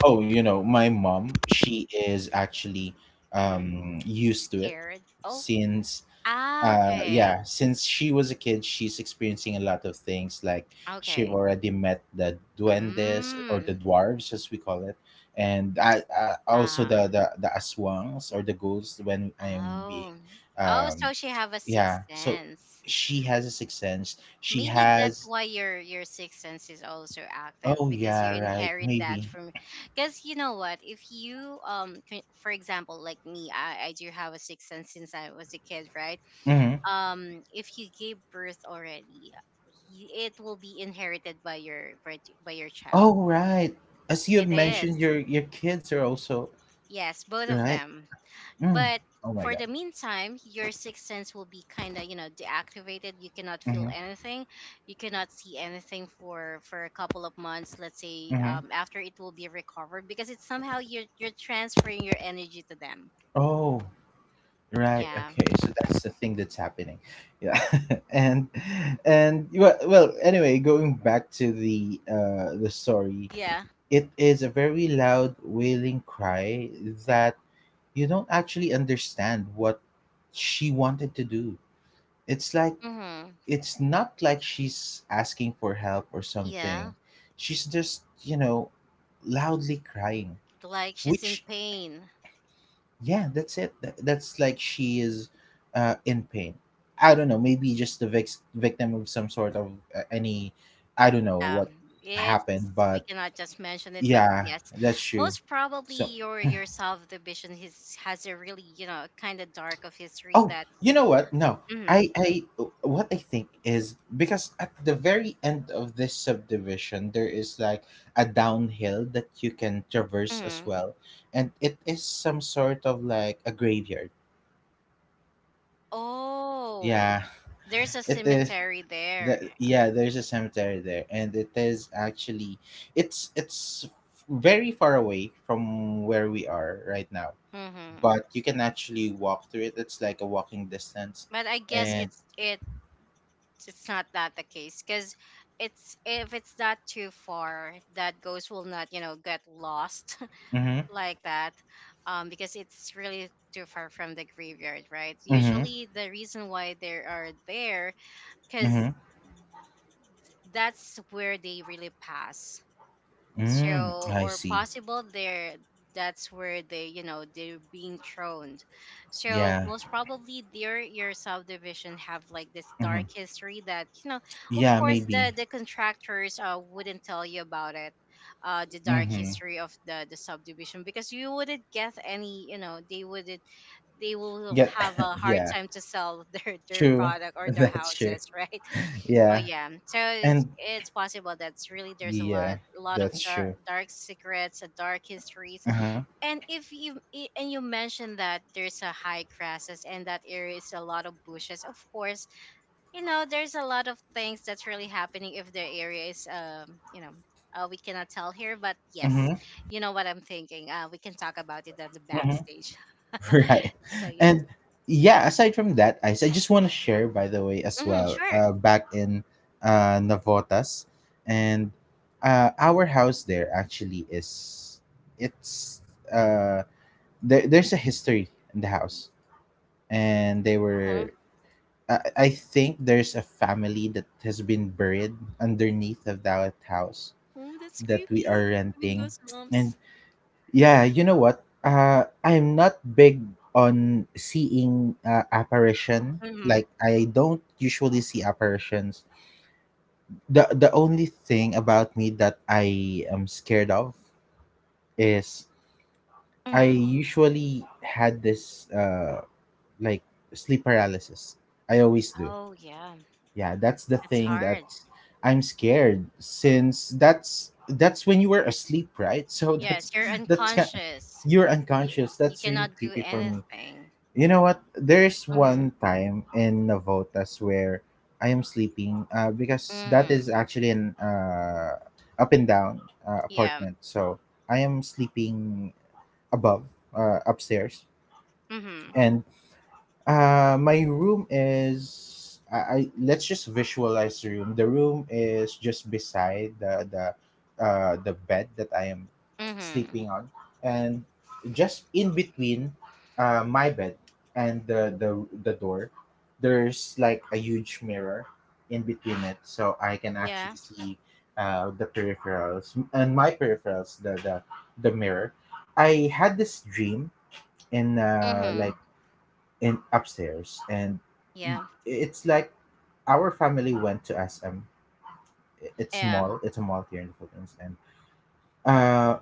S2: Oh, you know, my mom, she is actually
S1: mhm,
S2: used to it
S1: scared. Oh,
S2: since
S1: ah,
S2: yeah,
S1: okay.
S2: since she was a kid, she's experiencing a lot of things like she
S1: Okay.
S2: already met the duendes or the
S1: Mm.
S2: dwarves as we call it, and I also the
S1: Um.
S2: the the aswangs or the ghouls when I am being
S1: Oh. Oh,
S2: um
S1: so she have a sixth
S2: yeah, so
S1: sense.
S2: she has a sixth sense. She
S1: Maybe that's
S2: has...
S1: why your sixth sense is also active
S2: Oh
S1: because you
S2: yeah, right.
S1: inherit that
S2: Maybe.
S1: from, because you know what, if you for example, like me, I do have a sixth sense since I was a kid, right?
S2: Hmm.
S1: Um, if you gave birth already, it will be inherited by by your child.
S2: Oh, right. As you have
S1: It
S2: mentioned,
S1: is.
S2: your kids are also...
S1: Yes, both of
S2: Right.
S1: them.
S2: Mm.
S1: But
S2: Oh my
S1: for
S2: God.
S1: the meantime, your sixth sense will be kind of, you know, deactivated. You cannot feel
S2: Hmm.
S1: anything. You cannot see anything for a couple of months, let's say.
S2: Hmm.
S1: Um, after, it will be recovered because it's somehow you're transferring your energy to them.
S2: Oh, right.
S1: Yeah.
S2: Okay. So that's the thing that's happening. Yeah. and and well, anyway, going back to the the story,
S1: Yeah.
S2: it is a very loud wailing cry that you don't actually understand what she wanted to do. It's like
S1: Mm-hmm.
S2: it's not like she's asking for help or
S1: Yeah.
S2: something. She's just, loudly crying,
S1: Like she's
S2: which,
S1: in pain.
S2: yeah, that's it. That's like she is, in pain. I don't know, maybe just the victim of some sort of any... I don't know
S1: Yeah.
S2: what
S1: It's,
S2: happened,
S1: we
S2: but
S1: cannot just mention it, but
S2: yeah,
S1: yes,
S2: that's true.
S1: most probably
S2: So...
S1: your self division his has a really, you know, kind of dark of history
S2: Oh,
S1: that.
S2: you know what? No, I, I, what I think is because at the very end of this subdivision, there is like a downhill that you can traverse as
S1: Mm.
S2: well, and it is some sort of like a graveyard.
S1: Oh,
S2: Yeah,
S1: there's a
S2: it is.
S1: cemetery there.
S2: Yeah, there's a cemetery there, and it is actually, it's very far away from where we are right now,
S1: Mm-hmm.
S2: but you can actually walk through it. It's like a walking distance,
S1: But I guess
S2: and...
S1: it's it, it's not that the case because it's, if it's not too far, that ghost will not, you know, get lost
S2: Mm-hmm.
S1: like that, um, because it's really too far from the graveyard, right?
S2: Mm-hmm.
S1: Usually the reason why they are there because
S2: Mhm.
S1: that's where they really pass,
S2: Mm,
S1: so
S2: I
S1: or
S2: see.
S1: possible there, that's where they, you know, they're being thrown, so
S2: Yeah.
S1: most probably their your subdivision have like this dark
S2: Mhm.
S1: history that, you know, of
S2: Yeah,
S1: course the
S2: maybe.
S1: the contractors wouldn't tell you about it, the dark
S2: Mhm.
S1: history of the subdivision because you wouldn't guess any, you know, they wouldn't, they will
S2: Yeah.
S1: have a hard
S2: yeah.
S1: time to sell their
S2: True.
S1: product or their
S2: That's true.
S1: houses right. Oh
S2: Yeah.
S1: yeah, so it's,
S2: And
S1: it's possible that's really there's
S2: yeah,
S1: a lot of
S2: that's
S1: dark,
S2: true.
S1: dark secrets, and dark histories.
S2: Uh-huh.
S1: And if you and you mentioned that there's a high grasses and that area is a lot of bushes. Of course, you know there's a lot of things that's really happening if the area is you know we cannot tell here, but yes,
S2: Mhm.
S1: you know what I'm thinking. We can talk about it at the
S2: Mhm.
S1: backstage.
S2: Right.
S1: So yes,
S2: And yeah, aside from that, I just want to share by the way as
S1: hmm,
S2: well.
S1: sure.
S2: Back in Navotas, and our house there actually is, it's, uh there's a history in the house, and they
S1: Uh-huh.
S2: were... I think there's a family that has been buried underneath of that house
S1: Oh, that's
S2: that we
S1: creepy.
S2: are
S1: Having
S2: renting.
S1: goosebumps.
S2: And yeah, you know what? I'm not big on seeing, apparition.
S1: Mm-hmm.
S2: Like I don't usually see apparitions. The only thing about me that I am scared of is I usually had this, like, sleep paralysis. I always do.
S1: Oh, yeah.
S2: Yeah, that's the
S1: It's
S2: thing
S1: hard.
S2: that's... I'm scared since that's when you were asleep, right? So that's...
S1: Yes, you're
S2: That's kind...
S1: unconscious.
S2: You're
S1: You,
S2: unconscious.
S1: you
S2: That's really
S1: cannot do
S2: creepy for me.
S1: anything.
S2: You know what, there's one
S1: Mm-hmm.
S2: time in Navotas where I am sleeping, because that is
S1: Mm-hmm.
S2: actually an, up and down,
S1: Yeah.
S2: apartment. So I am sleeping above, upstairs,
S1: Mm-hmm.
S2: and my room is... I let's just visualize the room. The room is just beside the bed that I am
S1: Mm-hmm.
S2: sleeping on, and just in between, my bed and the door, there's like a huge mirror in between it, so I can actually
S1: Yeah.
S2: see, the peripherals, and my peripherals, the mirror. I had this dream in,
S1: Mm-hmm.
S2: like, in upstairs, and
S1: Yeah.
S2: it's like our family went to SM. It's
S1: Yeah.
S2: small. It's a mall here in the Philippines, and uh,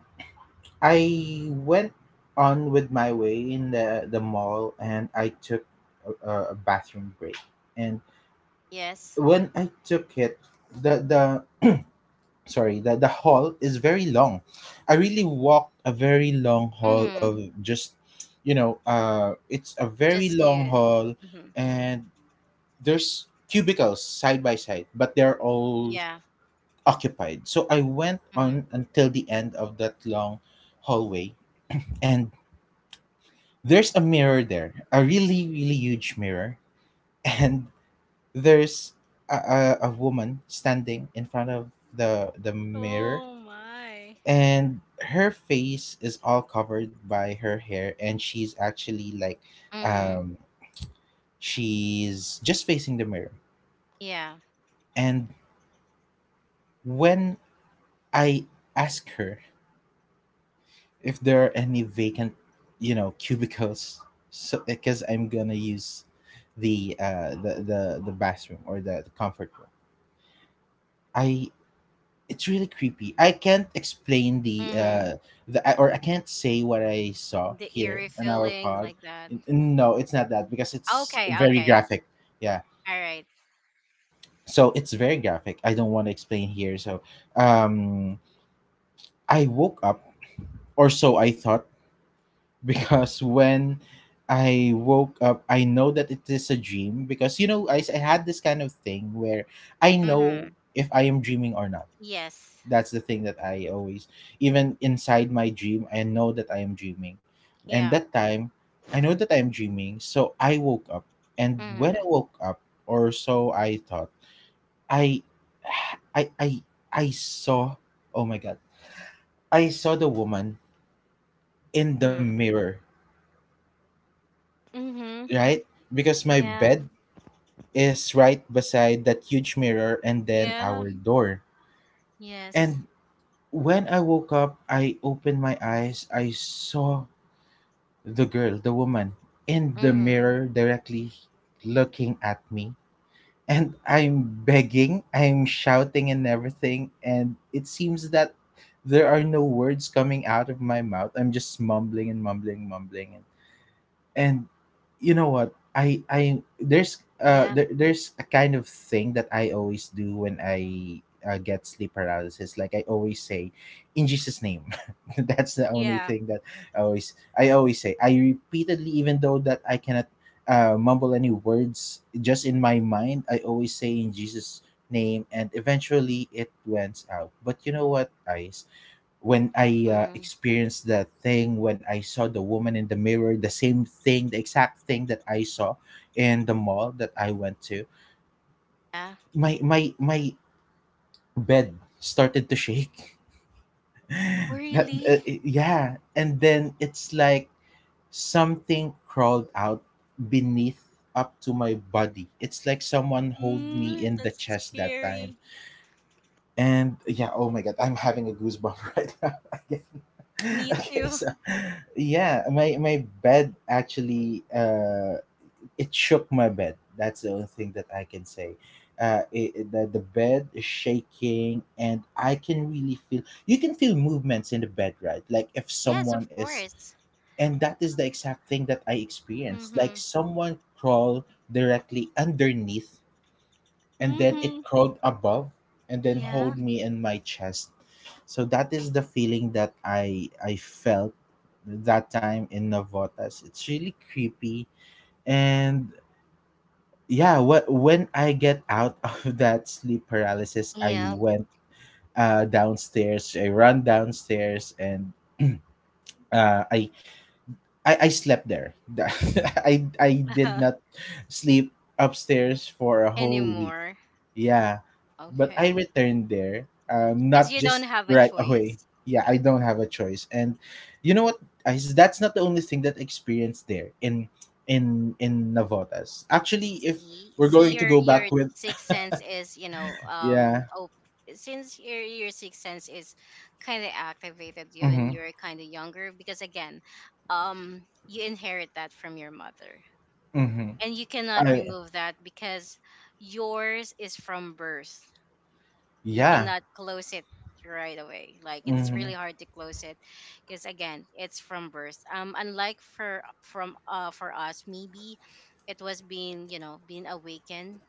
S2: I went on with my way in the mall, and I took a bathroom break. And
S1: Yes.
S2: when I took it, the sorry the hall is very long. I really walked a very long
S1: Mm-hmm.
S2: hall of just, it's a
S1: Just
S2: very
S1: you.
S2: long hall,
S1: Mm-hmm.
S2: and there's cubicles side by side, but they're all
S1: Yeah.
S2: occupied. So I went
S1: Mm-hmm.
S2: on until the end of that long hallway, and there's a mirror there, a really, really huge mirror, and there's a woman standing in front of the mirror,
S1: Oh my.
S2: and her face is all covered by her hair, and she's actually like,
S1: Mm-hmm.
S2: um, she's just facing the mirror,
S1: Yeah.
S2: and when I ask her if there are any vacant, cubicles, so because I'm gonna use the bathroom, or the comfort room. I... It's really creepy. I can't explain the,
S1: Mm-hmm.
S2: the... Or I can't say what I saw
S1: The
S2: here
S1: eerie
S2: in our
S1: feeling
S2: pod.
S1: like that.
S2: No, it's not that because it's
S1: Okay,
S2: very
S1: okay.
S2: graphic. Yeah.
S1: All right.
S2: So it's very graphic. I don't want to explain here. So, um I woke up, or so I thought, because when I woke up, I know that it is a dream because I had this kind of thing where I know
S1: Mm-hmm.
S2: if I am dreaming or not.
S1: Yes.
S2: That's the thing that I always, even inside my dream, I know that I am dreaming. And
S1: Yeah.
S2: that time, I know that I am dreaming, so I woke up. And when I
S1: Mm-hmm.
S2: woke up, or so I thought, I, I, I, I saw. Oh my God! I saw the woman in the
S1: Mm-hmm.
S2: mirror,
S1: Mm-hmm.
S2: right? Because my
S1: Yeah.
S2: bed is right beside that huge mirror and then
S1: Yeah.
S2: our door.
S1: Yes.
S2: And when I woke up, I opened my eyes, I saw the girl, the woman, in the
S1: Mm.
S2: mirror directly looking at me. And I'm begging, I'm shouting and everything. And it seems that there are no words coming out of my mouth. I'm just mumbling and mumbling, mumbling. And you know what I there's uh
S1: Yeah.
S2: there, there's a kind of thing that I always do when I, get sleep paralysis, like I always say, in Jesus name. That's the only
S1: Yeah.
S2: thing that I always say, I repeatedly, even though that I cannot, mumble any words, just in my mind I always say in Jesus name, and eventually it went out. But you know what, guys, when I,
S1: Mm.
S2: experienced that thing, when I saw the woman in the mirror, the same thing, the exact thing that I saw in the mall that I went to,
S1: Yeah.
S2: my bed started to shake. That,
S1: Really?
S2: yeah, and then it's like something crawled out beneath up to my body. It's like someone hold me
S1: Mm,
S2: in the
S1: that's
S2: chest that time.
S1: scary.
S2: And yeah, oh my God, I'm having a goosebump right now.
S1: Me
S2: okay,
S1: too.
S2: so yeah, my bed actually, it shook my bed. That's the only thing that I can say. It, the bed is shaking, and I can really feel, you can feel movements in the bed, right? Like if
S1: Yes, of
S2: someone is...
S1: course.
S2: And that is the exact thing that I experienced,
S1: Mm-hmm.
S2: like someone crawled directly underneath, and then it
S1: Mm-hmm.
S2: crawled above, and then
S1: Yeah.
S2: hold me in my chest. So that is the feeling that I felt that time in Navotas. It's really creepy. And yeah, what when I get out of that sleep paralysis, I
S1: Yeah.
S2: went, downstairs. I run downstairs and uh i I slept there. I did not sleep upstairs for a whole week.
S1: Anymore.
S2: Yeah, but I
S1: Okay.
S2: returned there,
S1: Because
S2: not
S1: you don't
S2: just
S1: have a
S2: right away.
S1: choice.
S2: Yeah, I don't have a choice. And you know what? That's not the only thing that I experienced there in in Navotas. Actually, if
S1: See,
S2: we're
S1: see
S2: going to go
S1: your
S2: back with...
S1: sixth sense is, you know,
S2: Yeah.
S1: um, since your sixth sense is kind of activated, you and
S2: Mm-hmm.
S1: you're kind of younger because again, um, you inherit that from your mother,
S2: Mm-hmm.
S1: and you cannot
S2: I...
S1: remove that because yours is from birth. You
S2: Yeah.
S1: cannot close it right away, like it's
S2: Mm-hmm.
S1: really hard to close it because again it's from birth. Um, unlike for from, uh, for us, maybe it was being, you know, being awakened,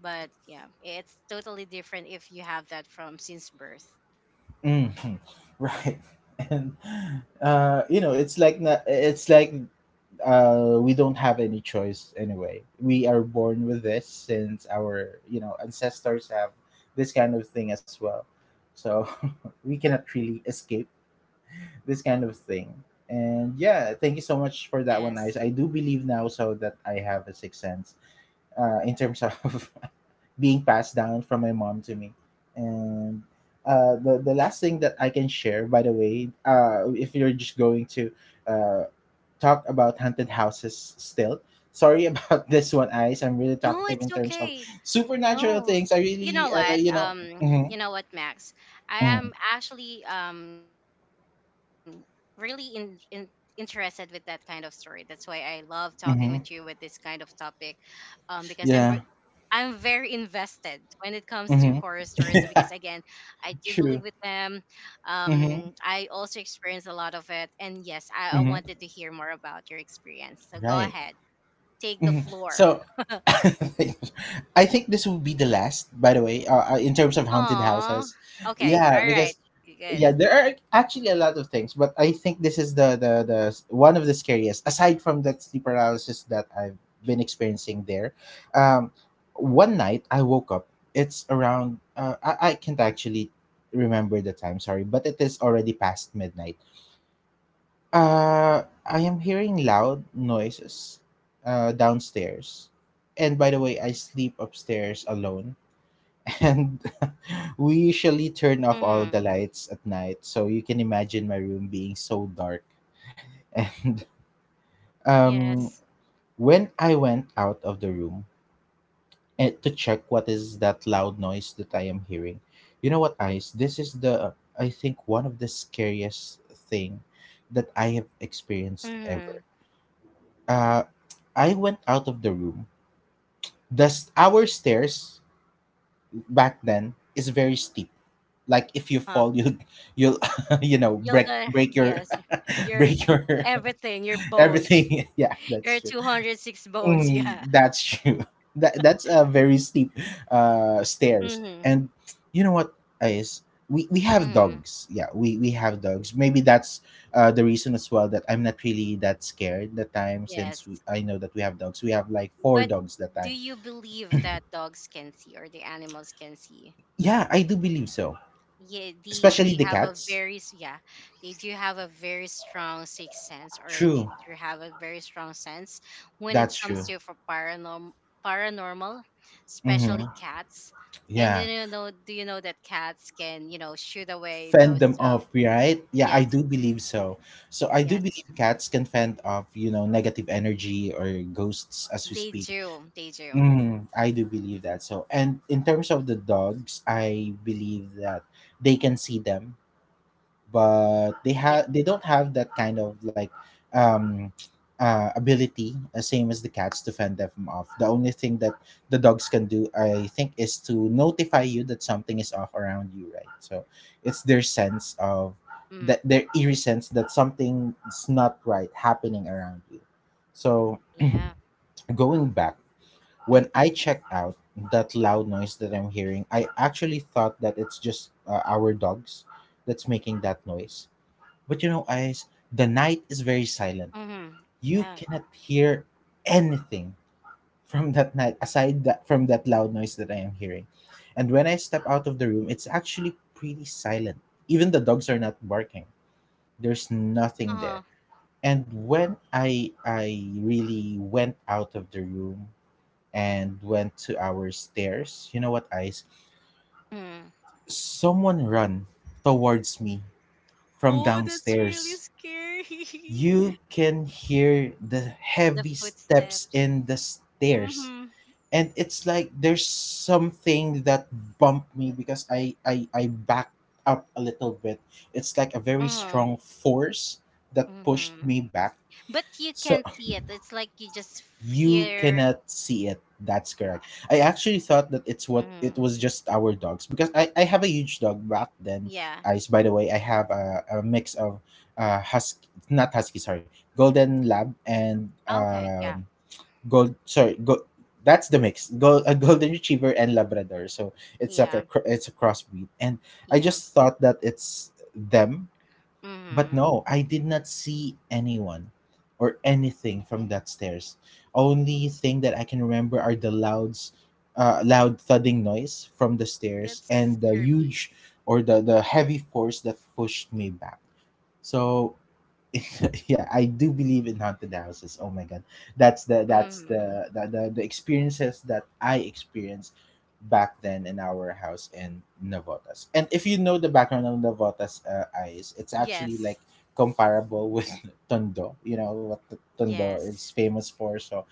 S1: but yeah, it's totally different if you have that from since birth.
S2: Mm-hmm. Right. And you know, it's like, it's like, we don't have any choice anyway. We are born with this since our ancestors have this kind of thing as well. So we cannot really escape this kind of thing. And yeah, thank you so much for that one,
S1: Yes.
S2: Ice. I do believe now so that I have a sixth sense, in terms of being passed down from my mom to me. And the last thing that I can share, by the way, if you're just going to, uh, talk about haunted houses still. Sorry about this one, Ice. I'm really
S1: No,
S2: talkative
S1: it's
S2: in terms of
S1: okay.
S2: supernatural
S1: No.
S2: things. I
S1: You know
S2: really,
S1: what?
S2: you know... Hmm.
S1: You know what, Max? I am
S2: Hmm.
S1: actually really in, interested with that kind of story. That's why I love talking with you with this kind of
S2: Hmm.
S1: topic. Because I'm
S2: Yeah.
S1: very invested when it comes to horror stories,
S2: Hmm.
S1: because again, I do believe with them.
S2: True.
S1: I
S2: Hmm.
S1: also experience a lot of it, and yes, I wanted
S2: Hmm.
S1: to hear more about your experience. So go
S2: Right.
S1: ahead, take the
S2: Mhm.
S1: floor.
S2: So, I think this will be the last. By the way, in terms of haunted
S1: Aw,
S2: houses,
S1: okay,
S2: yeah,
S1: all
S2: because
S1: right, good.
S2: yeah, there are actually a lot of things, but I think this is the one of the scariest. Aside from that sleep paralysis that I've been experiencing there, um, one night I woke up. It's around... I can't actually remember the time. Sorry, but it is already past midnight. I am hearing loud noises downstairs. And by the way, I sleep upstairs alone. And we usually turn off all
S1: Mm-hmm.
S2: the lights at night. So you can imagine my room being so dark. And um,
S1: Yes.
S2: when I went out of the room and to check what is that loud noise that I am hearing, you know what, Ice? This is the, I think, one of the scariest thing that I have experienced
S1: Mm-hmm.
S2: ever. Uh, I went out of the room. Our stairs back then is very steep. Like if you
S1: Huh.
S2: fall, you'll you know
S1: You'll
S2: break
S1: go.
S2: break your
S1: Yes. Your
S2: break your
S1: everything. Your bones.
S2: everything. Yeah, that's
S1: Your
S2: true.
S1: 206 bones.
S2: Mm,
S1: Yeah.
S2: that's true. That's a very steep stairs.
S1: Mm-hmm.
S2: And you know what is, we have
S1: Mm-hmm.
S2: dogs. Yeah, we have dogs. Maybe that's the reason as well that I'm not really that scared that time since
S1: Yes.
S2: we, I know that we have dogs. We have like four
S1: But
S2: dogs that
S1: do
S2: time.
S1: you believe that dogs can see, or the animals can see?
S2: Yeah, I do believe so.
S1: Yeah,
S2: Especially
S1: they
S2: the
S1: have a
S2: cats.
S1: very yeah, they do have a very strong sixth sense, or they
S2: True.
S1: do have a very strong sense when it
S2: That's
S1: comes
S2: true.
S1: to for paranormal, paranormal,
S2: Mm-hmm.
S1: especially cats. And
S2: Yeah.
S1: you know, do you know that cats can, you know, shoot away
S2: Fend
S1: those
S2: them
S1: uh,
S2: off, right? Yeah, I
S1: yes,
S2: do believe so. So I do
S1: yes,
S2: believe cats can fend off, you know, negative energy or ghosts as we
S1: they
S2: speak.
S1: do, they do.
S2: Mm, I do believe that. So, and in terms of the dogs, I believe that they can see them, but
S1: Yeah.
S2: they don't have that kind of like um ability, same as the cats, to fend them off. The only thing that the dogs can do, I think, is to notify you that something is off around you, right? So it's their sense of,
S1: Mm,
S2: that their eerie sense that something's not right happening around you. So
S1: yeah.
S2: going back,
S1: Mm,
S2: when I checked out that loud noise that I'm hearing, I actually thought that it's just our dogs that's making that noise. But you know, Ice, the night is very silent.
S1: hmm.
S2: You
S1: Yeah.
S2: cannot hear anything from that night aside that from that loud noise that I am hearing. And when I step out of the room, it's actually pretty silent. Even the dogs are not barking. There's nothing there.
S1: Uh-huh.
S2: And when I really went out of the room and went to our stairs, you know what, Ice?
S1: Mm.
S2: Someone run towards me from
S1: Oh, that's really
S2: downstairs.
S1: scary.
S2: You can hear the
S1: The
S2: heavy steps
S1: footsteps.
S2: in the stairs.
S1: Mm-hmm.
S2: And it's like there's something that bumped me because I backed up a little bit. It's like a very
S1: Mm-hmm.
S2: strong force that pushed
S1: Mm-hmm.
S2: me back.
S1: But you
S2: So
S1: can't see it. It's like you just
S2: you
S1: hear.
S2: cannot see it. That's correct. I actually thought that it
S1: Mm-hmm.
S2: was just our dogs because I have a huge dog back then.
S1: Yeah.
S2: I By the way, I have a mix of husky, not husky, sorry, golden lab and
S1: Okay. Yeah.
S2: gold. Sorry, go. That's the mix. Gold, a golden retriever and Labrador. So
S1: Yeah.
S2: it's a crossbreed, and I
S1: Yeah.
S2: just thought that it's them, but
S1: Mm-hmm.
S2: no, I did not see anyone or anything from that stairs. Only thing that I can remember are the loud thudding noise from the stairs
S1: That's
S2: and the
S1: creepy.
S2: huge, the heavy force that pushed me back. So yeah, I do believe in haunted houses. Oh my god, that's the,
S1: Mm-hmm.
S2: the experiences that I experienced back then in our house in Navotas. And if you know the background of Navotas, eyes it's actually
S1: Yes.
S2: like comparable with Tondo. You know what the, Tondo
S1: Yes.
S2: is famous for. So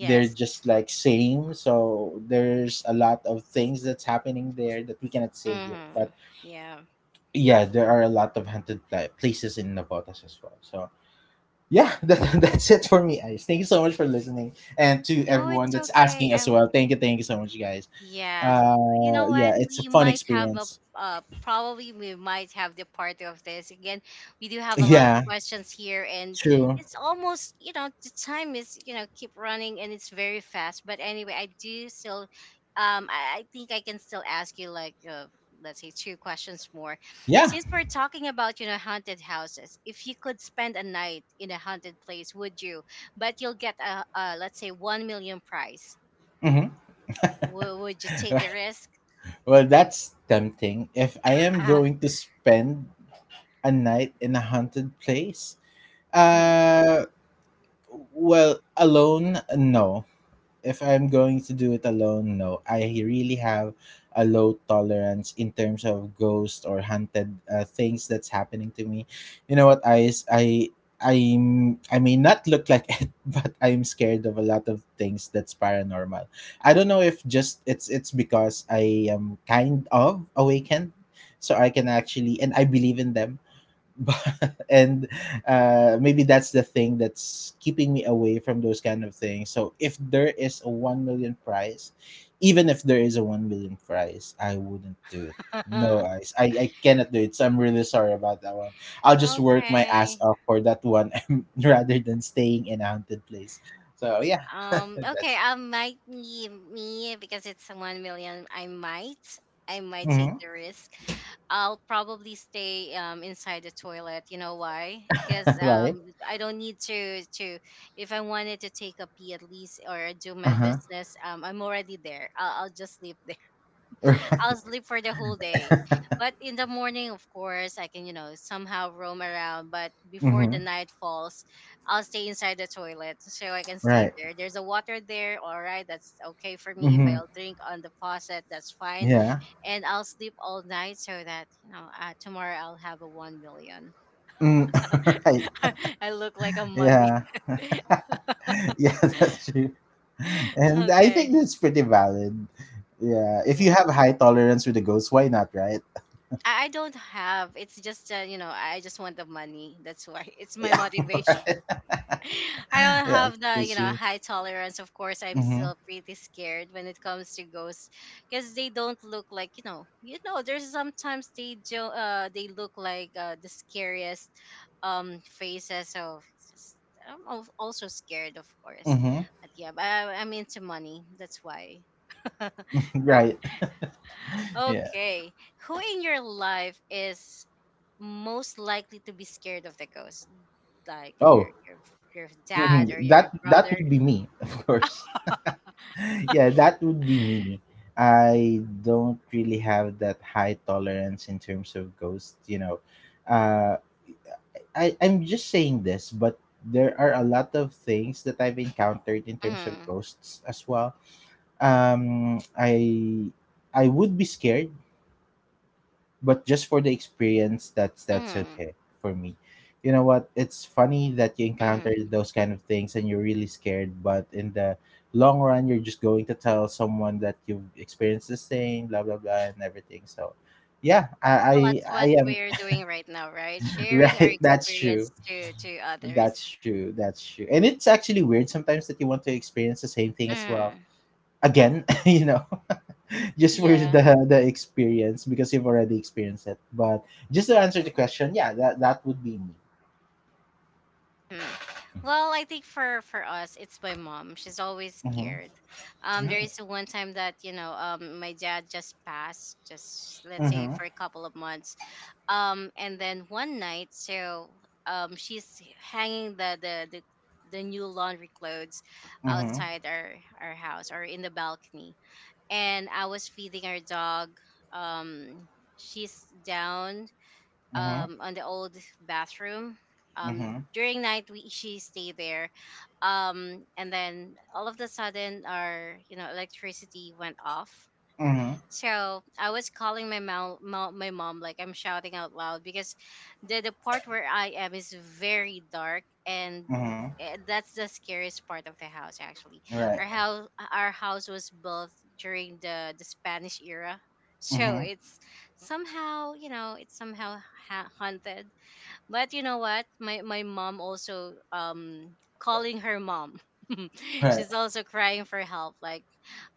S2: they're just like same. So there's a lot of things that's happening there that we cannot say here,
S1: Mm-hmm.
S2: but
S1: Yeah.
S2: yeah, there are a lot of haunted places in Navotas as well. So yeah, that's it for me, guys. Thank you so much for listening, and to
S1: No,
S2: everyone
S1: it's
S2: that's
S1: okay.
S2: asking as
S1: I.
S2: well. Thank you so much, guys.
S1: Yes. You know
S2: Yeah,
S1: what?
S2: it's a
S1: We
S2: fun
S1: might have a
S2: experience.
S1: probably we might have the part of this again. We do have a lot of
S2: Yeah,
S1: questions here, and
S2: true.
S1: it's almost, you know, the time is, you know, keep running and it's very fast. But anyway, I do still, I think I can still ask you like let's say two questions more.
S2: Yeah.
S1: Since we're talking about, you know, haunted houses, if you could spend a night in a haunted place, would you? But you'll get a let's say 1 million price.
S2: Hmm.
S1: Would you take the risk?
S2: Well, that's tempting. If I am
S1: Ah.
S2: going to spend a night in a haunted place,
S1: Mhm.
S2: uh, well, alone, no. If I'm going to do it alone, no. I really have a low tolerance in terms of ghosts or haunted things that's happening to me. You know what, I'm, I may not look like it, but I'm scared of a lot of things that's paranormal. I don't know if just it's because I am kind of awakened, so I can actually and I believe in them. And maybe that's the thing that's keeping me away from those kind of things. So if there is a 1 million prize, even if there is a 1 million prize, I wouldn't do it. No, guys, I cannot do it. So I'm really sorry about that one. I'll just work my ass
S1: Okay.
S2: off for that one rather than staying in a haunted place. So yeah,
S1: Okay.
S2: that's...
S1: I might need me because it's 1 million. I might. I might take
S2: Mhm.
S1: the risk. I'll probably stay inside the toilet. You know why? Because
S2: Right.
S1: I don't need to if I wanted to take a pee at least, or do
S2: Uh
S1: my
S2: huh.
S1: business, um, I'm already there. I'll just sleep, I'll sleep for the whole day. But in the morning, of course, I can, you know, somehow roam around. But before
S2: Mm-hmm.
S1: the night falls, I'll stay inside the toilet so I can stay
S2: Right.
S1: there. There's a water there. All right. That's okay for me. If
S2: Mm-hmm.
S1: I'll drink on the faucet, that's fine.
S2: Yeah.
S1: And I'll sleep all night so that, you know, tomorrow I'll have a 1 million.
S2: Mm, right.
S1: I look like a money.
S2: Yeah. Yeah, that's true. And I
S1: Okay.
S2: think that's pretty valid. Yeah. If you
S1: Yeah.
S2: have high tolerance with the ghost, why not, right?
S1: I don't have. It's just, you know, I just want the money. That's why it's my motivation.
S2: Right.
S1: I don't
S2: Yeah,
S1: have the,
S2: that's
S1: you know,
S2: true.
S1: high tolerance. Of course, I'm
S2: Mm-hmm.
S1: still pretty scared when it comes to ghosts because they don't look like, you know, you know. There's sometimes they do they look like the scariest faces. So also scared, of course.
S2: Mm-hmm.
S1: But yeah, but I'm into money. That's why.
S2: Right. Yeah.
S1: Okay, who in your life is most likely to be scared of the ghost? Like
S2: Oh.
S1: your
S2: Hmm.
S1: dad or your
S2: That that
S1: brother?
S2: would be me, of course. Yeah, that would be me. I don't really have that high tolerance in terms of ghosts, you know. Uh I I'm just saying this, but there are a lot of things that I've encountered in terms of
S1: Mm-hmm.
S2: ghosts as well. Um, I I would be scared, but just for the experience, that's
S1: Mm-hmm.
S2: okay for me. You know what? It's funny that you encounter
S1: Mm-hmm.
S2: those kind of things and you're really scared, but in the long run, you're just going to tell someone that you've experienced this thing, blah blah blah, and everything. So, yeah,
S1: Well, that's
S2: I
S1: what
S2: am
S1: we're doing right now, right? Sharing our
S2: right. That's
S1: experience
S2: true.
S1: to others.
S2: That's true. That's true. And it's actually weird sometimes that you want to experience the same thing as well
S1: Mm.
S2: again, you know, just for
S1: Yeah.
S2: the experience because you've already experienced it. But just to answer the question, yeah, that that would be me.
S1: Mm. Well, I think for us, it's my mom. She's always
S2: Mhm.
S1: scared.
S2: Mhm.
S1: There is one time that you know, my dad just passed, just let's say
S2: Mhm.
S1: for a couple of months. And then one night, so she's hanging the the new laundry clothes
S2: Mhm.
S1: outside our house or in the balcony, and I was feeding our dog. Um, she's down on the old bathroom.
S2: Mhm.
S1: During night, we she stay there, and then all of the sudden, our you know electricity went off,
S2: Mhm. Mhm.
S1: so I was calling my mom, like I'm shouting out loud because the part where I am is very dark, and
S2: Mhm.
S1: eh, that's the scariest part of the house actually.
S2: Right.
S1: Our house our house was built during the Spanish era. So
S2: Mhm.
S1: it's somehow, you know, it's somehow haunted. But you know what? My mom also calling her mom.
S2: Right.
S1: She's also crying for help. Like,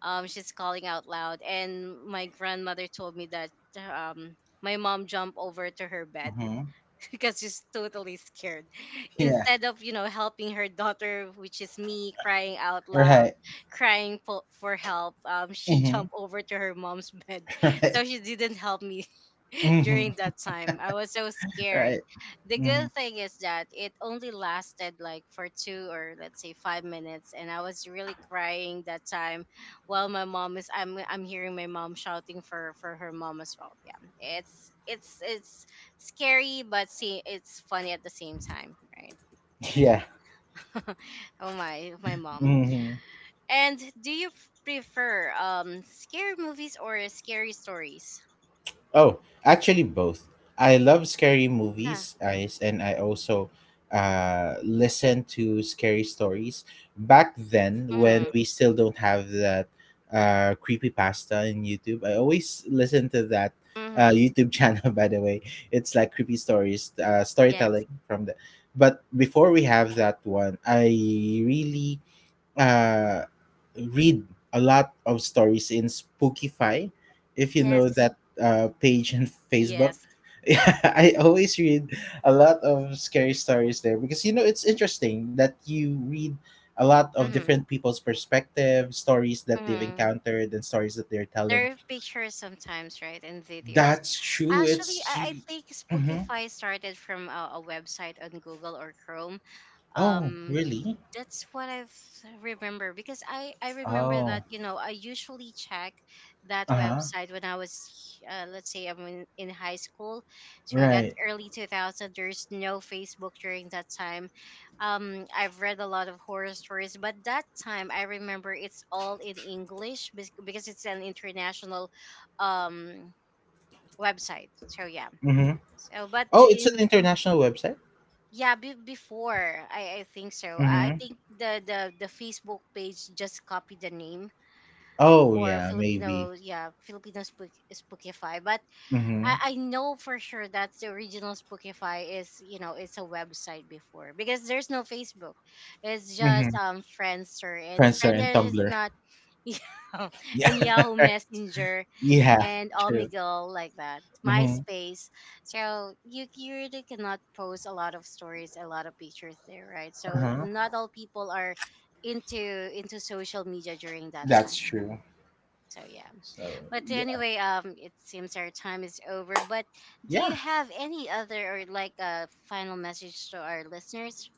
S1: she's calling out loud. And my grandmother told me that um my mom jumped over to her bed
S2: Mhm.
S1: because she's totally scared.
S2: Yeah.
S1: Instead of, you know, helping her daughter, which is me, crying out loud,
S2: Right.
S1: crying for help, she
S2: Mhm.
S1: jumped over to her mom's bed.
S2: Right.
S1: So she didn't help me. During
S2: Mhm.
S1: that time. I was so scared.
S2: Right.
S1: The
S2: Mhm.
S1: good thing is that it only lasted like for two or let's say 5 minutes, and I was really crying that time while my mom is. I'm hearing my mom shouting for her mom as well. Yeah, it's scary, but see, it's funny at the same time, right?
S2: Yeah.
S1: Oh my, my mom.
S2: Mhm.
S1: And do you prefer scary movies or scary stories?
S2: Oh, actually both. I love scary
S1: Ah,
S2: movies, guys, and I also listen to scary stories. Back then when
S1: mm-hmm,
S2: we still don't have that creepy pasta in YouTube, I always listen to that
S1: mm-hmm.
S2: YouTube channel by the way. It's like creepy stories,
S1: Yes,
S2: storytelling from the, but before we have that one, I really uh, read a lot of stories in Spookify, if you know
S1: yes.
S2: that page in Facebook.
S1: Yes.
S2: Yeah, I always read a lot of scary stories there because you know it's interesting that you read a lot of
S1: Mm-hmm.
S2: different people's perspective, stories that they've
S1: Mm-hmm.
S2: encountered, and stories that they're telling.
S1: There are pictures sometimes, right, and videos.
S2: That's true.
S1: Actually,
S2: It's
S1: I
S2: really.
S1: think
S2: Hmm.
S1: Spookify started from a website on Google or Chrome.
S2: Oh,
S1: Um,
S2: really?
S1: that's what I've remember because I remember that
S2: Oh,
S1: you know I usually check that
S2: uh huh.
S1: website when I was let's say I'm in high school, so that's
S2: Right.
S1: early 2000. There's no Facebook during that time. I've read a lot of horror stories, but that time I remember it's all in English because it's an international um website. So yeah.
S2: Mm-hmm.
S1: So but
S2: Oh, it's an
S1: in
S2: international website.
S1: yeah, before I think so. I
S2: Mm-hmm.
S1: think the, the Facebook page just copied the name
S2: Oh,
S1: for
S2: yeah, maybe.
S1: Filipino, yeah, Filipino Spookify. But
S2: Mhm.
S1: I know for sure that the original Spookify is, you know, it's a website before because there's no Facebook. It's just
S2: Mhm.
S1: Friendster and
S2: Friendster and
S1: Friendster is
S2: Tumblr.
S1: not, you know,
S2: Yeah.
S1: and Yahoo Messenger
S2: Yeah,
S1: and
S2: true.
S1: Omegle like that,
S2: Mhm.
S1: MySpace. So you really cannot post a lot of stories, a lot of pictures there, right? So
S2: Uh-huh.
S1: not all people are into into social media during that
S2: That's
S1: time.
S2: true.
S1: So yeah.
S2: So,
S1: But
S2: yeah.
S1: anyway, it seems our time is over. But do you
S2: Yeah.
S1: have any other or like a final message to our listeners?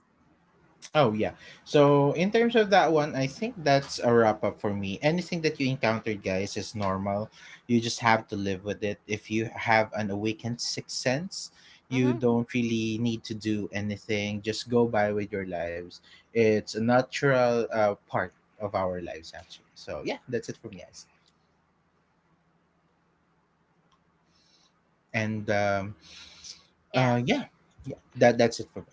S2: Oh yeah. So in terms of that one, I think that's a wrap up for me. Anything that you encountered, guys, is normal. You just have to live with it. If you have an awakened sixth sense, you
S1: Mm-hmm.
S2: don't really need to do anything. Just go by with your lives. It's a natural part of our lives, actually. So yeah, that's it for me, guys. And
S1: Yeah.
S2: yeah, yeah, that that's it for me.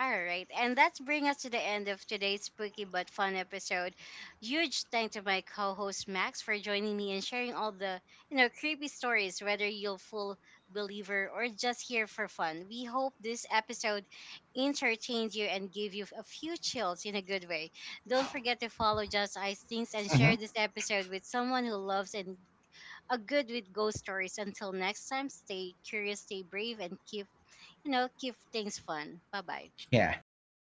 S1: All right, and that's bring us to the end of today's spooky but fun episode. Huge thank to my co-host Max for joining me and sharing all the, you know, creepy stories, whether you're full believer or just here for fun. We hope this episode entertained you and gave you a few chills in a good way. Don't forget to follow Just Ice Things and
S2: Mhm.
S1: share this episode with someone who loves and a good with ghost stories. Until next time, stay curious, stay brave, and keep, you know, keep things fun. Bye bye.
S2: Yeah. Bye.